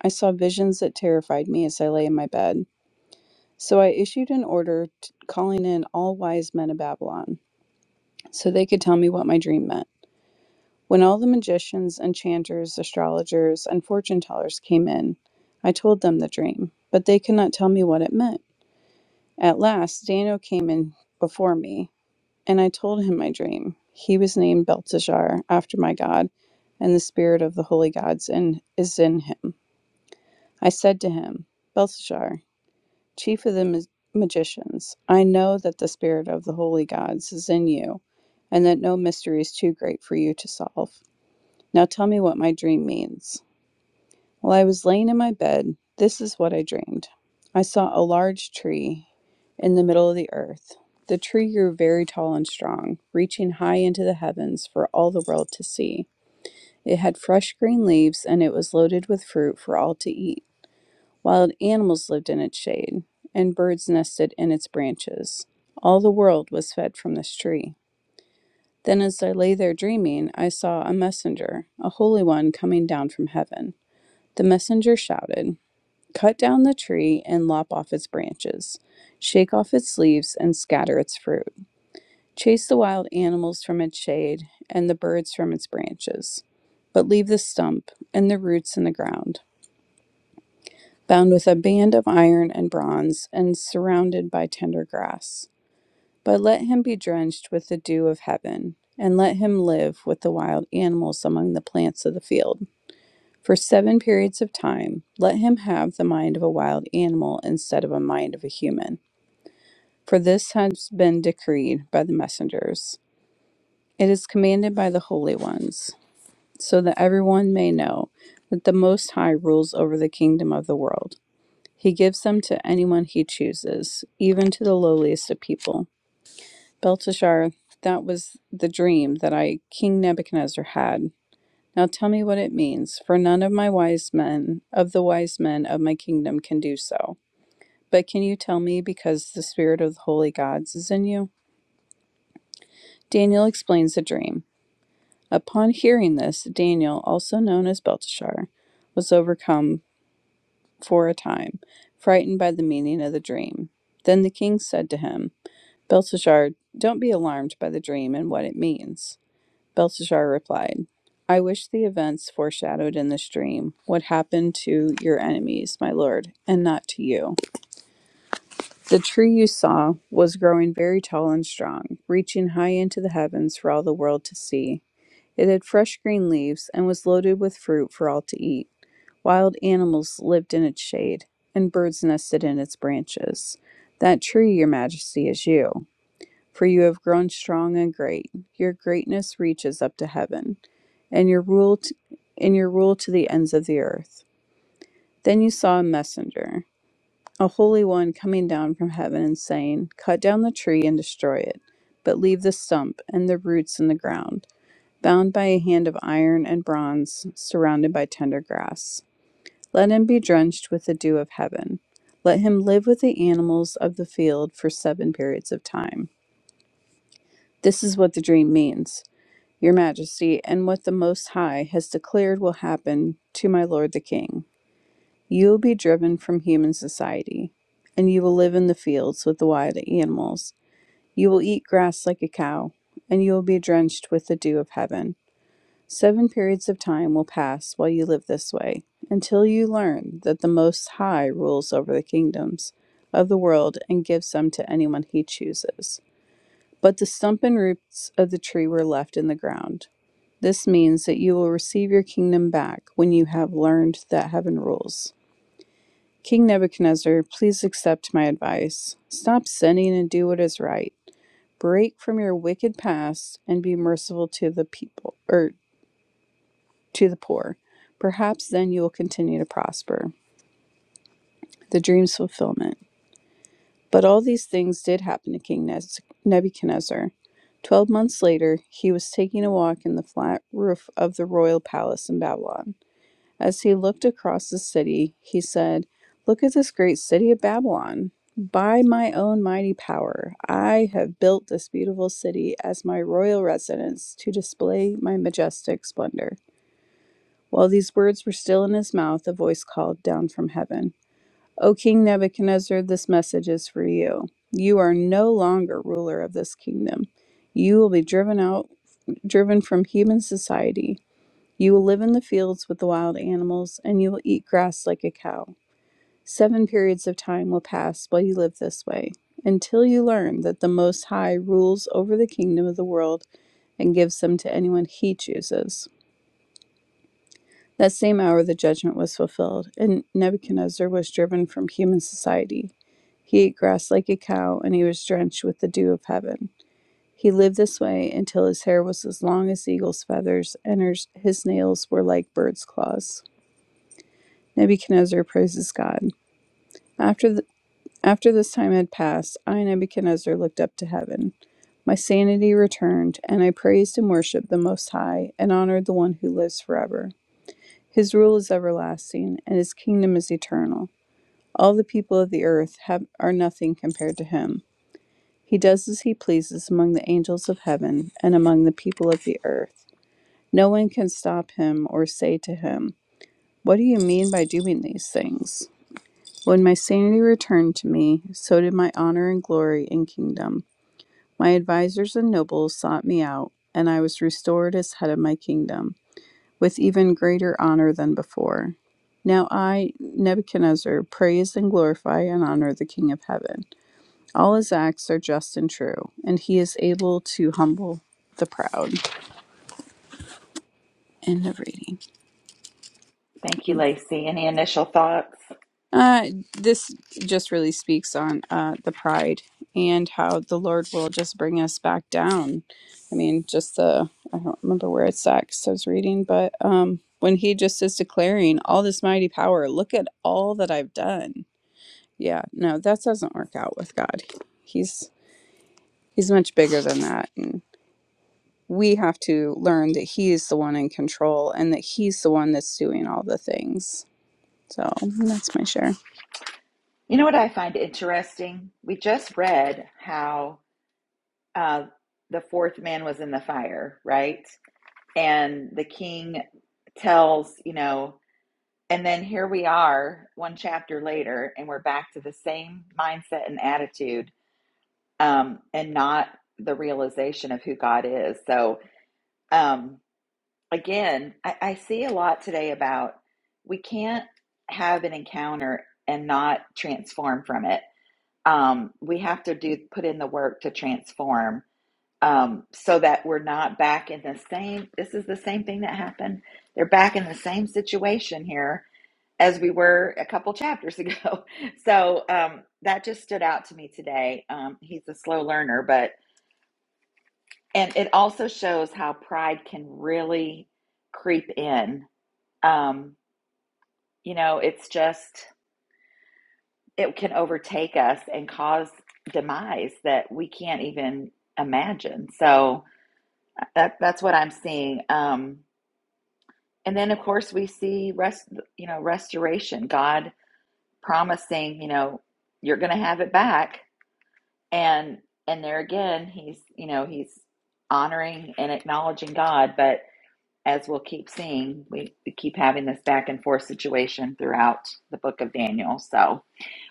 I: I saw visions that terrified me as I lay in my bed. So I issued an order t- calling in all wise men of Babylon so they could tell me what my dream meant. When all the magicians, enchanters, astrologers, and fortune tellers came in, I told them the dream, but they could not tell me what it meant. At last, Daniel came in before me And I told him my dream. He was named Belteshazzar after my God, and the spirit of the holy gods and is in him. I said to him, Belteshazzar, chief of the ma- magicians, I know that the spirit of the holy gods is in you, and that no mystery is too great for you to solve. Now tell me what my dream means. While I was laying in my bed, this is what I dreamed. I saw a large tree in the middle of the earth. The tree grew very tall and strong, reaching high into the heavens for all the world to see. It had fresh green leaves, and it was loaded with fruit for all to eat. Wild animals lived in its shade, and birds nested in its branches. All the world was fed from this tree. Then, as I lay there dreaming, I saw a messenger, a holy one, coming down from heaven. The messenger shouted, Cut down the tree and lop off its branches, shake off its leaves, and scatter its fruit Chase the wild animals from its shade and the birds from its branches, but leave the stump and the roots in the ground, bound with a band of iron and bronze and surrounded by tender grass. But let him be drenched with the dew of heaven, and let him live with the wild animals among the plants of the field. For seven periods of time, let him have the mind of a wild animal instead of a mind of a human. For this has been decreed by the messengers. It is commanded by the holy ones. so that everyone may know that the Most High rules over the kingdom of the world. He gives them to anyone he chooses, even to the lowliest of people. Belteshazzar, that was the dream that I, King Nebuchadnezzar, had. Now tell me what it means, for none of my wise men, of the wise men of my kingdom, can do so. But can you tell me, because the spirit of the holy gods is in you? Daniel explains the dream. Upon hearing this, Daniel, also known as Belteshazzar, was overcome for a time, frightened by the meaning of the dream. Then the king said to him, Belteshazzar, don't be alarmed by the dream and what it means. Belteshazzar replied, I wish the events foreshadowed in this dream would happen to your enemies, my lord, and not to you. The tree you saw was growing very tall and strong, reaching high into the heavens for all the world to see. It had fresh green leaves and was loaded with fruit for all to eat. Wild animals lived in its shade, and birds nested in its branches. That tree, your majesty, is you, for you have grown strong and great. Your greatness reaches up to heaven, and your rule t- and your rule to the ends of the earth. Then you saw a messenger, a holy one coming down from heaven and saying, Cut down the tree and destroy it, but leave the stump and the roots in the ground, bound by a hand of iron and bronze, surrounded by tender grass. Let him be drenched with the dew of heaven. Let him live with the animals of the field for seven periods of time. This is what the dream means, Your Majesty, and what the Most High has declared will happen to my lord the king. You will be driven from human society, and you will live in the fields with the wild animals. You will eat grass like a cow, and you will be drenched with the dew of heaven. Seven periods of time will pass while you live this way, until you learn that the Most High rules over the kingdoms of the world and gives them to anyone he chooses. But the stump and roots of the tree were left in the ground. This means that you will receive your kingdom back when you have learned that heaven rules. King Nebuchadnezzar, please accept my advice. Stop sinning and do what is right. Break from your wicked past and be merciful to the people, or to the poor. Perhaps then you will continue to prosper. The dream's fulfillment. But all these things did happen to King Nebuchadnezzar. Twelve months later, he was taking a walk in the flat roof of the royal palace in Babylon. As he looked across the city, he said, Look at this great city of Babylon. By my own mighty power, I have built this beautiful city as my royal residence to display my majestic splendor. While these words were still in his mouth, a voice called down from heaven O King Nebuchadnezzar, this message is for you. You are no longer ruler of this kingdom. You will be driven out, driven from human society. You will live in the fields with the wild animals, and you will eat grass like a cow. Seven periods of time will pass while you live this way, until you learn that the Most High rules over the kingdom of the world and gives them to anyone he chooses. That same hour the judgment was fulfilled, and Nebuchadnezzar was driven from human society. He ate grass like a cow, and he was drenched with the dew of heaven. He lived this way until his hair was as long as eagle's feathers, and his nails were like bird's claws. Nebuchadnezzar praises God. After, the, after this time had passed, I, Nebuchadnezzar, looked up to heaven. My sanity returned, and I praised and worshipped the Most High, and honored the one who lives forever. His rule is everlasting, and his kingdom is eternal. All the people of the earth have, are nothing compared to him. He does as he pleases among the angels of heaven and among the people of the earth. No one can stop him or say to him, What do you mean by doing these things? When my sanity returned to me, so did my honor and glory and kingdom. My advisers and nobles sought me out, and I was restored as head of my kingdom. with even greater honor than before. Now I, Nebuchadnezzar, praise and glorify and honor the King of heaven. All his acts are just and true, and he is able to humble the proud. End of reading.
A: Thank you, Lacey. Any initial thoughts?
I: Uh, this just really speaks on uh, the pride and how the Lord will just bring us back down. I mean, just the, I don't remember where it's at. at 'cause I was reading, but um, when he just is declaring all this mighty power, look at all that I've done Yeah, no, that doesn't work out with God. He's he's much bigger than that and we have to learn that he is the one in control and that he's the one that's doing all the things. So, that's my share.
A: You know what I find interesting? We just read how uh, the fourth man was in the fire, right? And the king tells, you know, and then here we are one chapter later, and we're back to the same mindset and attitude um, and not the realization of who God is. So, um, again, I, I see a lot today about we can't have an encounter and not transform from it. Um, we have to do put in the work to transform um, so that we're not back in the same. This is the same thing that happened. They're back in the same situation here as we were a couple chapters ago. So um, that just stood out to me today. Um, he's a slow learner, but and it also shows how pride can really creep in um, you know, it's just, it can overtake us and cause demise that we can't even imagine. So that, that's what I'm seeing. Um, and then, of course, we see rest, you know, restoration, God promising, you know, you're going to have it back. And, and there again, he's, you know, he's honoring and acknowledging God. But as we'll keep seeing, we, we keep having this back and forth situation throughout the book of Daniel. So,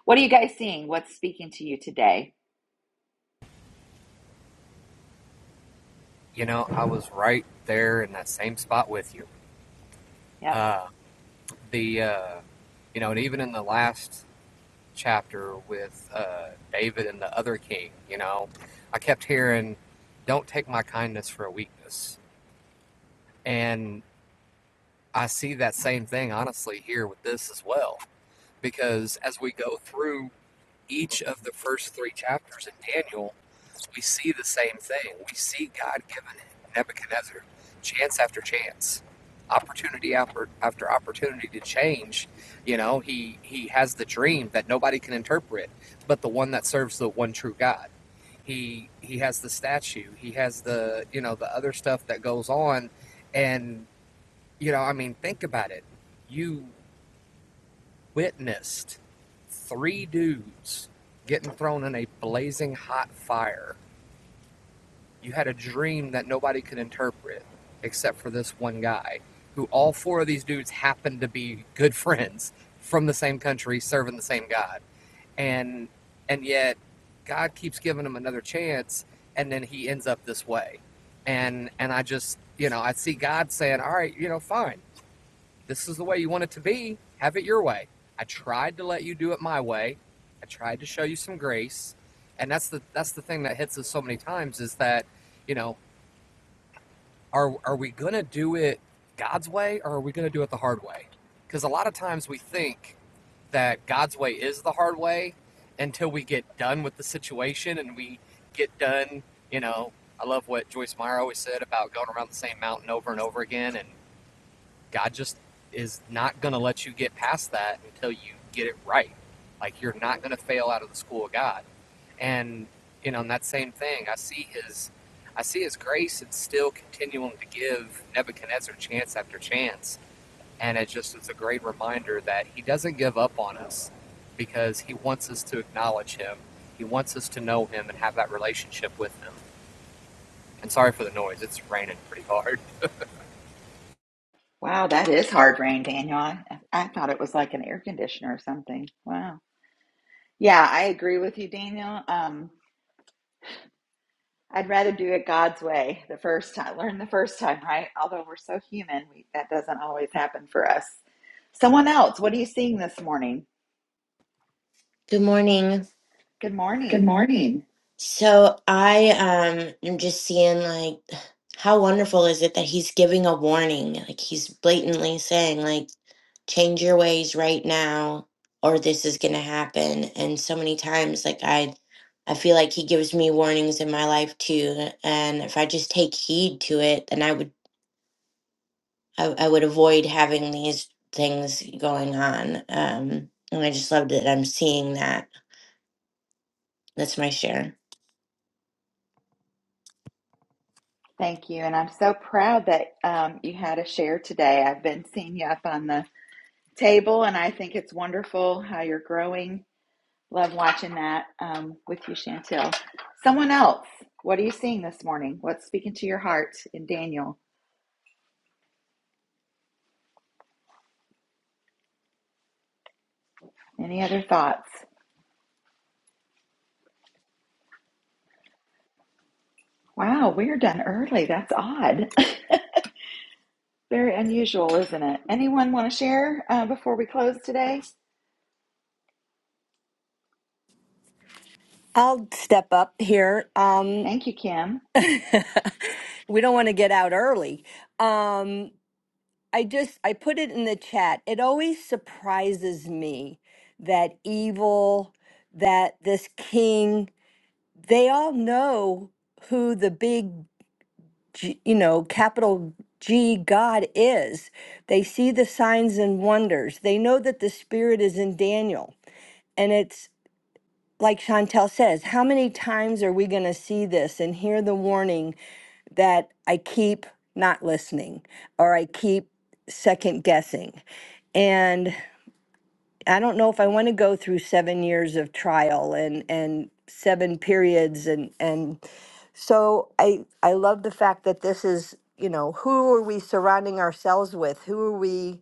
A: What are you guys seeing? What's speaking to you today?
E: You know, I was right there in that same spot with you.
A: Yep.
E: Uh, the uh, you know, and even in the last chapter with uh, David and the other king. You know, I kept hearing, "Don't take my kindness for a weakness," and I see that same thing honestly here with this as well. Because as we go through each of the first three chapters in Daniel, we see the same thing. We see God giving Nebuchadnezzar chance after chance, opportunity after, after opportunity to change. You know, he he has the dream that nobody can interpret, but the one that serves the one true God. He he has the statue. He has the you know the other stuff that goes on, and you know I mean think about it. You witnessed three dudes getting thrown in a blazing hot fire you had a dream that nobody could interpret except for this one guy, who all four of these dudes happened to be good friends from the same country, serving the same God, and and yet God keeps giving him another chance, and then he ends up this way, and and I just you know I see God saying, all right, you know, fine, this is the way you want it to be, have it your way. I tried to let you do it my way, I tried to show you some grace, and that's the that's the thing that hits us so many times is that you know are are we gonna do it God's way or are we gonna do it the hard way? Because a lot of times we think that God's way is the hard way until we get done with the situation and we get done. You know, I love what Joyce Meyer always said about going around the same mountain over and over again and God just is not going to let you get past that until you get it right. Like you're not going to fail out of the school of God. And you know, in that same thing, I see his I see his grace and still continuing to give Nebuchadnezzar chance after chance. And it just is a great reminder that he doesn't give up on us because he wants us to acknowledge him. He wants us to know him and have that relationship with him. And sorry for the noise, it's raining pretty hard.
A: Wow, that is hard rain, Daniel. I, I thought it was like an air conditioner or something. Wow. Yeah, I agree with you, Daniel. Um, I'd rather do it God's way the first time, learn the first time, right? Although we're so human, we, that doesn't always happen for us. Someone else, what are you seeing this morning?
J: Good morning.
A: Good
J: Good
A: morning.
J: morning. So I um am just seeing like how wonderful is it that he's giving a warning? Like he's blatantly saying like change your ways right now or this is going to happen. And so many times like I I feel like he gives me warnings in my life too and if I just take heed to it then I would I, I would avoid having these things going on. Um and I just love that I'm seeing that. That's my share.
A: Thank you. And I'm so proud that um, you had a share today. I've been seeing you up on the table, and I think it's wonderful how you're growing Love watching that um, with you, Chantel. Someone else, what are you seeing this morning? What's speaking to your heart in Daniel? Any other thoughts? Wow, we're done early. That's odd. Very unusual, isn't it? Anyone want to share uh, before we close today?
H: I'll step up here. Um,
A: Thank you, Kim.
H: we don't want to get out early. Um, I just I put it in the chat. It always surprises me that evil, that this king, they all know who the big, G, you know, capital G God is. They see the signs and wonders. They know that the spirit is in Daniel, and it's like Chantel says, how many times are we going to see this and hear the warning that I keep not listening or I keep second guessing? And I don't know if I want to go through seven years of trial and, and seven periods. And, and so I, I love the fact that this is, you know, who are we surrounding ourselves with? Who are we?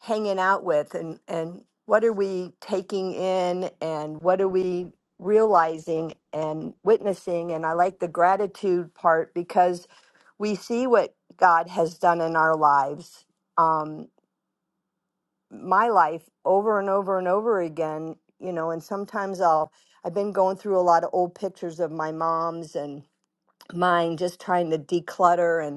H: hanging out with and and what are we taking in and what are we realizing and witnessing and I like the gratitude part because we see what God has done in our lives um my life over and over and over again you know and sometimes I'll I've been going through a lot of old pictures of my mom's and mine just trying to declutter and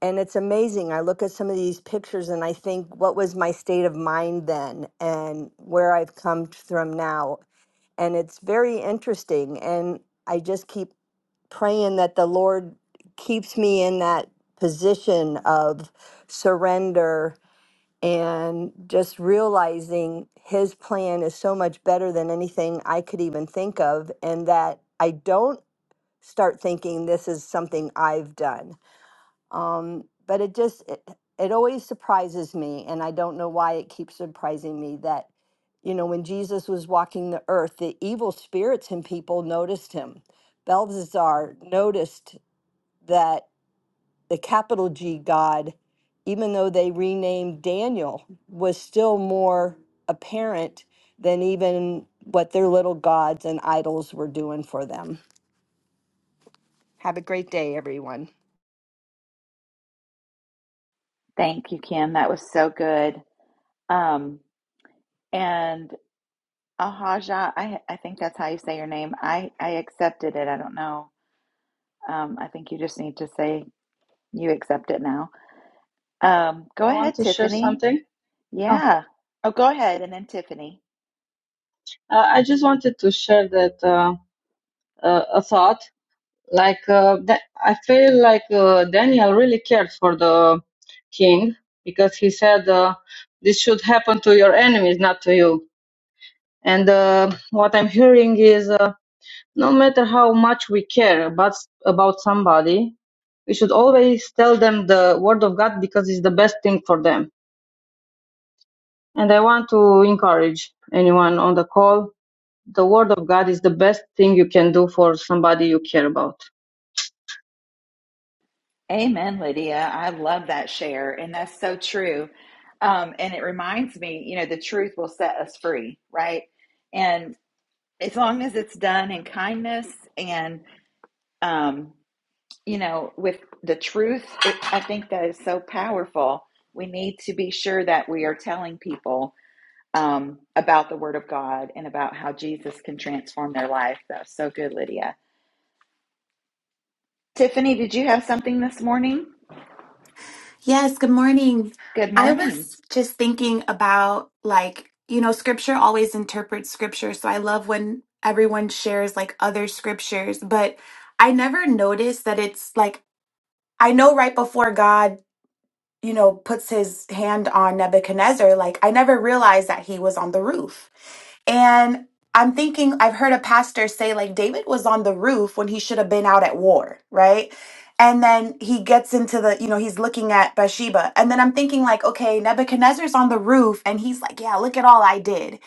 H: and it's amazing. I look at some of these pictures and I think, what was my state of mind then and where I've come t- from now? And it's very interesting. And I just keep praying that the Lord keeps me in that position of surrender and just realizing His plan is so much better than anything I could even think of, and that I don't start thinking this is something I've done um, but it just it, it always surprises me, and I don't know why it keeps surprising me that you know when Jesus was walking the earth, the evil spirits and people noticed him. Belzazar noticed that the capital G God, even though they renamed Daniel, was still more apparent than even what their little gods and idols were doing for them. Have a great day, everyone.
A: Thank you, Kim. That was so good. Um, and Ahaja, I, I think that's how you say your name. I, I accepted it. I don't know. Um, I think you just need to say you accept it now. Um, go
K: I want
A: ahead,
K: to share
A: Tiffany.
K: something. Oh,
A: Yeah. Oh, go ahead. And then Tiffany.
K: uh, I just wanted to share that uh, uh, a thought. Like uh, that, I feel like uh, Daniel really cared for the king because he said uh, this should happen to your enemies, not to you. And uh, what I'm hearing is uh, no matter how much we care about about somebody, we should always tell them the word of God because it's the best thing for them. And I want to encourage anyone on the call the word of God is the best thing you can do for somebody you care about.
A: Amen, Lydia. I love that share. And that's so true. Um, and it reminds me, you know, the truth will set us free, right? And as long as it's done in kindness and, um, you know, with the truth, it, I think that is so powerful. We need to be sure that we are telling people um, about the Word of God and about how Jesus can transform their life. That was so good, Lydia. Tiffany, did you have something this morning?
L: Yes, good morning.
A: Good
L: I
A: morning.
L: was just thinking about like, you know, scripture always interprets scripture. So I love when everyone shares like other scriptures, but I never noticed that it's like, I know right before God, you know, puts his hand on Nebuchadnezzar, like I never realized that he was on the roof. And I'm thinking, I've heard a pastor say, like, David was on the roof when he should have been out at war, right? And then he gets into the, you know, he's looking at Bathsheba. And then I'm thinking, like, okay, Nebuchadnezzar's on the roof and he's like, yeah, look at all I did.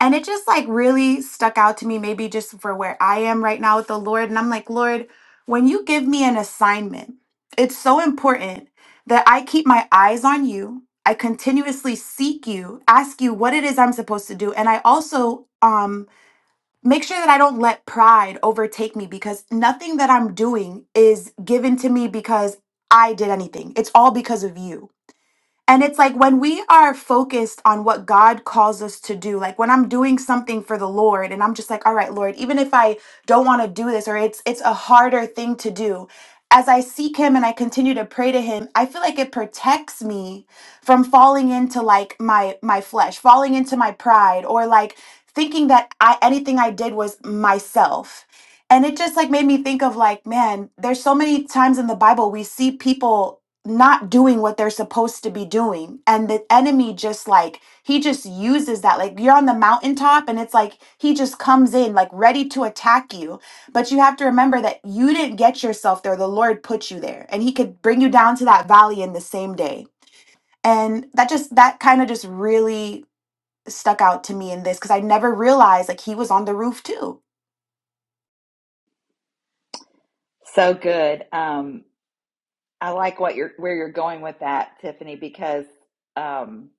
L: And it just like really stuck out to me, maybe just for where I am right now with the Lord. And I'm like, Lord, when you give me an assignment, it's so important that I keep my eyes on you I continuously seek you, ask you what it is I'm supposed to do. And I also um, make sure that I don't let pride overtake me because nothing that I'm doing is given to me because I did anything. It's all because of you. And it's like when we are focused on what God calls us to do, like when I'm doing something for the Lord and I'm just like, all right, Lord, even if I don't want to do this or it's it's a harder thing to do, as I seek him and I continue to pray to him, I feel like it protects me from falling into like my my flesh, falling into my pride or like thinking that I anything I did was myself. And it just like made me think of like, man, there's so many times in the Bible we see people not doing what they're supposed to be doing and the enemy just like he just uses that like you're on the mountaintop and it's like he just comes in like ready to attack you but you have to remember that you didn't get yourself there the lord put you there and he could bring you down to that valley in the same day and that just that kind of just really stuck out to me in this because i never realized like he was on the roof too
A: So good. Um, I like what you're where you're going with that, Tiffany, because um,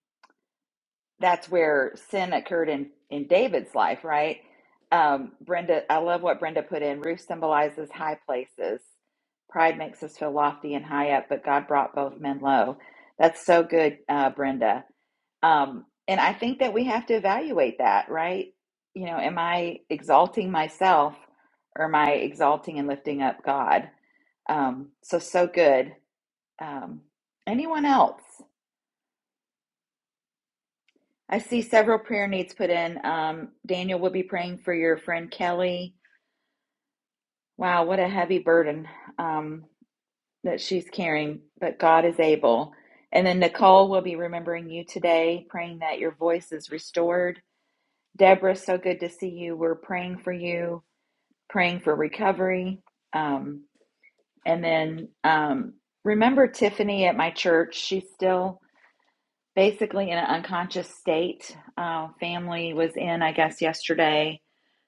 A: that's where sin occurred in in David's life, right? Um, Brenda, I love what Brenda put in. Ruth symbolizes high places. Pride makes us feel lofty and high up, but God brought both men low. That's so good, uh, Brenda. Um, and I think that we have to evaluate that, right? You know, am I exalting myself or am I exalting and lifting up God? Um, so, so good. Um, anyone else? I see several prayer needs put in. Um, Daniel will be praying for your friend Kelly. Wow, what a heavy burden um, that she's carrying, but God is able. And then Nicole will be remembering you today, praying that your voice is restored. Deborah, so good to see you. We're praying for you, praying for recovery. Um, and then um, remember Tiffany at my church. She's still basically in an unconscious state. Uh, family was in, I guess, yesterday.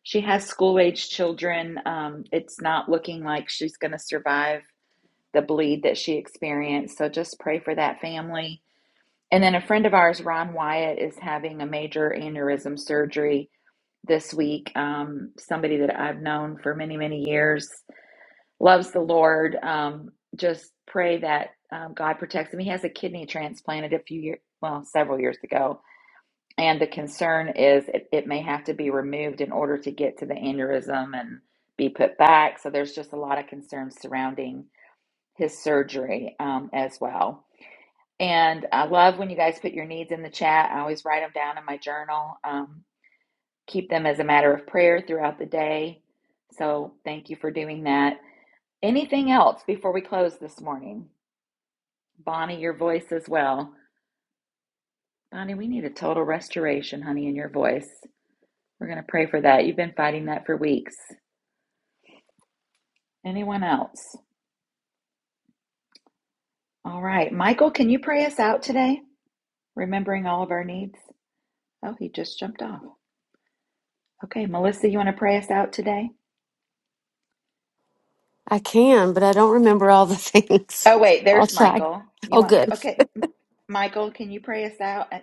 A: She has school age children. Um, it's not looking like she's going to survive the bleed that she experienced. So just pray for that family. And then a friend of ours, Ron Wyatt, is having a major aneurysm surgery this week. Um, somebody that I've known for many, many years loves the Lord. Um, just pray that um, God protects him. He has a kidney transplanted a few years, well, several years ago and the concern is it, it may have to be removed in order to get to the aneurysm and be put back. So there's just a lot of concerns surrounding his surgery um, as well. And I love when you guys put your needs in the chat. I always write them down in my journal, um, keep them as a matter of prayer throughout the day. So thank you for doing that. Anything else before we close this morning? Bonnie, your voice as well. Bonnie, we need a total restoration, honey, in your voice. We're going to pray for that. You've been fighting that for weeks. Anyone else? All right. Michael, can you pray us out today? Remembering all of our needs. Oh, he just jumped off. Okay. Melissa, you want to pray us out today?
M: I can, but I don't remember all the things.
A: Oh, wait.
M: I'll
A: There's
M: try.
A: Michael. You
M: Oh,
A: want,
M: good.
A: okay. Michael, can you pray us out? Uh,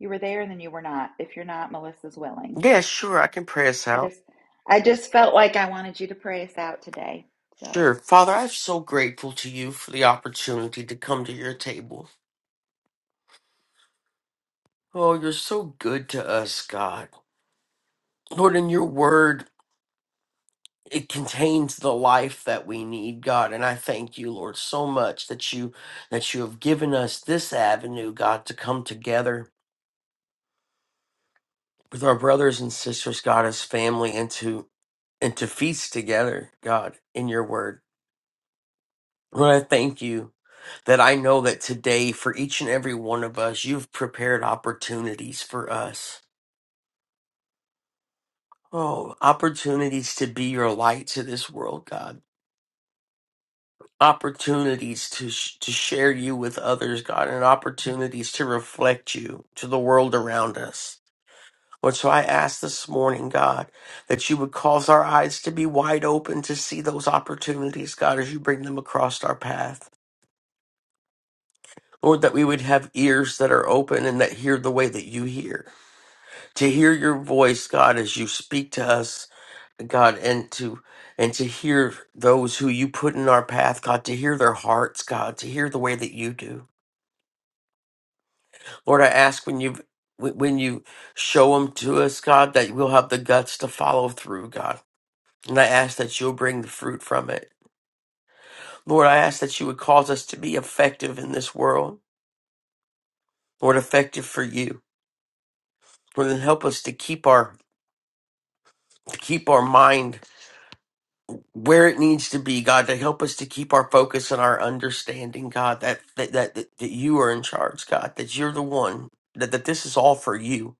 A: You were there and then you were not. If you're not, Melissa's willing.
N: Yeah, sure, I can pray us
A: I
N: out.
A: just, I just felt like I wanted you to pray us out today. So,
N: Sure. Father, I'm so grateful to you for the opportunity to come to your table. Oh, you're so good to us, God. Lord, in your word, it contains the life that we need, God, and I thank you, Lord, so much that you that you have given us this avenue, God, to come together with our brothers and sisters, God, as family and to and to feast together, God, in your word. Lord, I thank you that I know that today, for each and every one of us, you've prepared opportunities for us. Oh, opportunities to be your light to this world, God. Opportunities to sh- to share you with others, God, and opportunities to reflect you to the world around us. Lord, so I ask this morning, God, that you would cause our eyes to be wide open to see those opportunities, God, as you bring them across our path. Lord, that we would have ears that are open and that hear the way that you hear. to hear your voice, God, as you speak to us, God, and to and to hear those who you put in our path, God, to hear their hearts, God, to hear the way that you do. Lord, I ask when you when you show them to us, God, that we'll have the guts to follow through, God. And I ask that you'll bring the fruit from it. Lord, I ask that you would cause us to be effective in this world. Lord, effective for you. Lord, then help us to keep our to keep our mind where it needs to be, God, to help us to keep our focus and our understanding, God, that that that, that, that you are in charge, God, that you're the one, that, that this is all for you.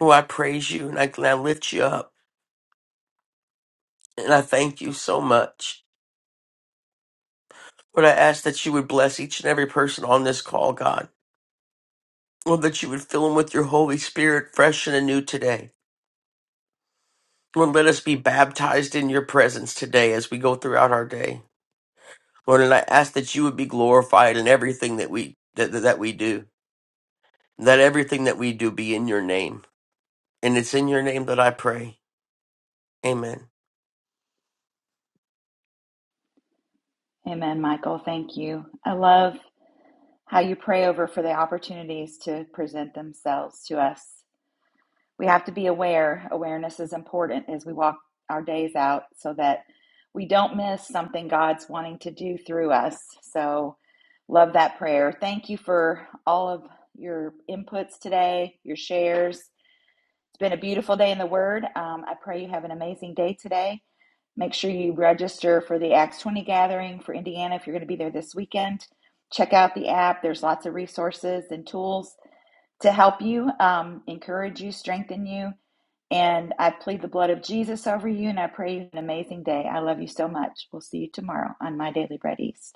N: Lord, I praise you and I, and I lift you up and I thank you so much. Lord, I ask that you would bless each and every person on this call, God. Lord, that you would fill them with your Holy Spirit fresh and anew today. Lord, let us be baptized in your presence today as we go throughout our day. Lord, and I ask that you would be glorified in everything that we that, that we do. Let everything that we do be in your name. And it's in your name that I pray. Amen.
A: amen, Michael. Thank you. I love how you pray over for the opportunities to present themselves to us. We have to be aware. Awareness is important as we walk our days out so that we don't miss something God's wanting to do through us. So, love that prayer. Thank you for all of your inputs today, your shares. It's been a beautiful day in the Word. Um, I pray you have an amazing day today. Make sure you register for the Acts 20 gathering for Indiana if you're going to be there this weekend. Check out the app. There's lots of resources and tools to help you, um, encourage you, strengthen you. And I plead the blood of Jesus over you, and I pray you an amazing day. I love you so much. We'll see you tomorrow on My Daily Bread East.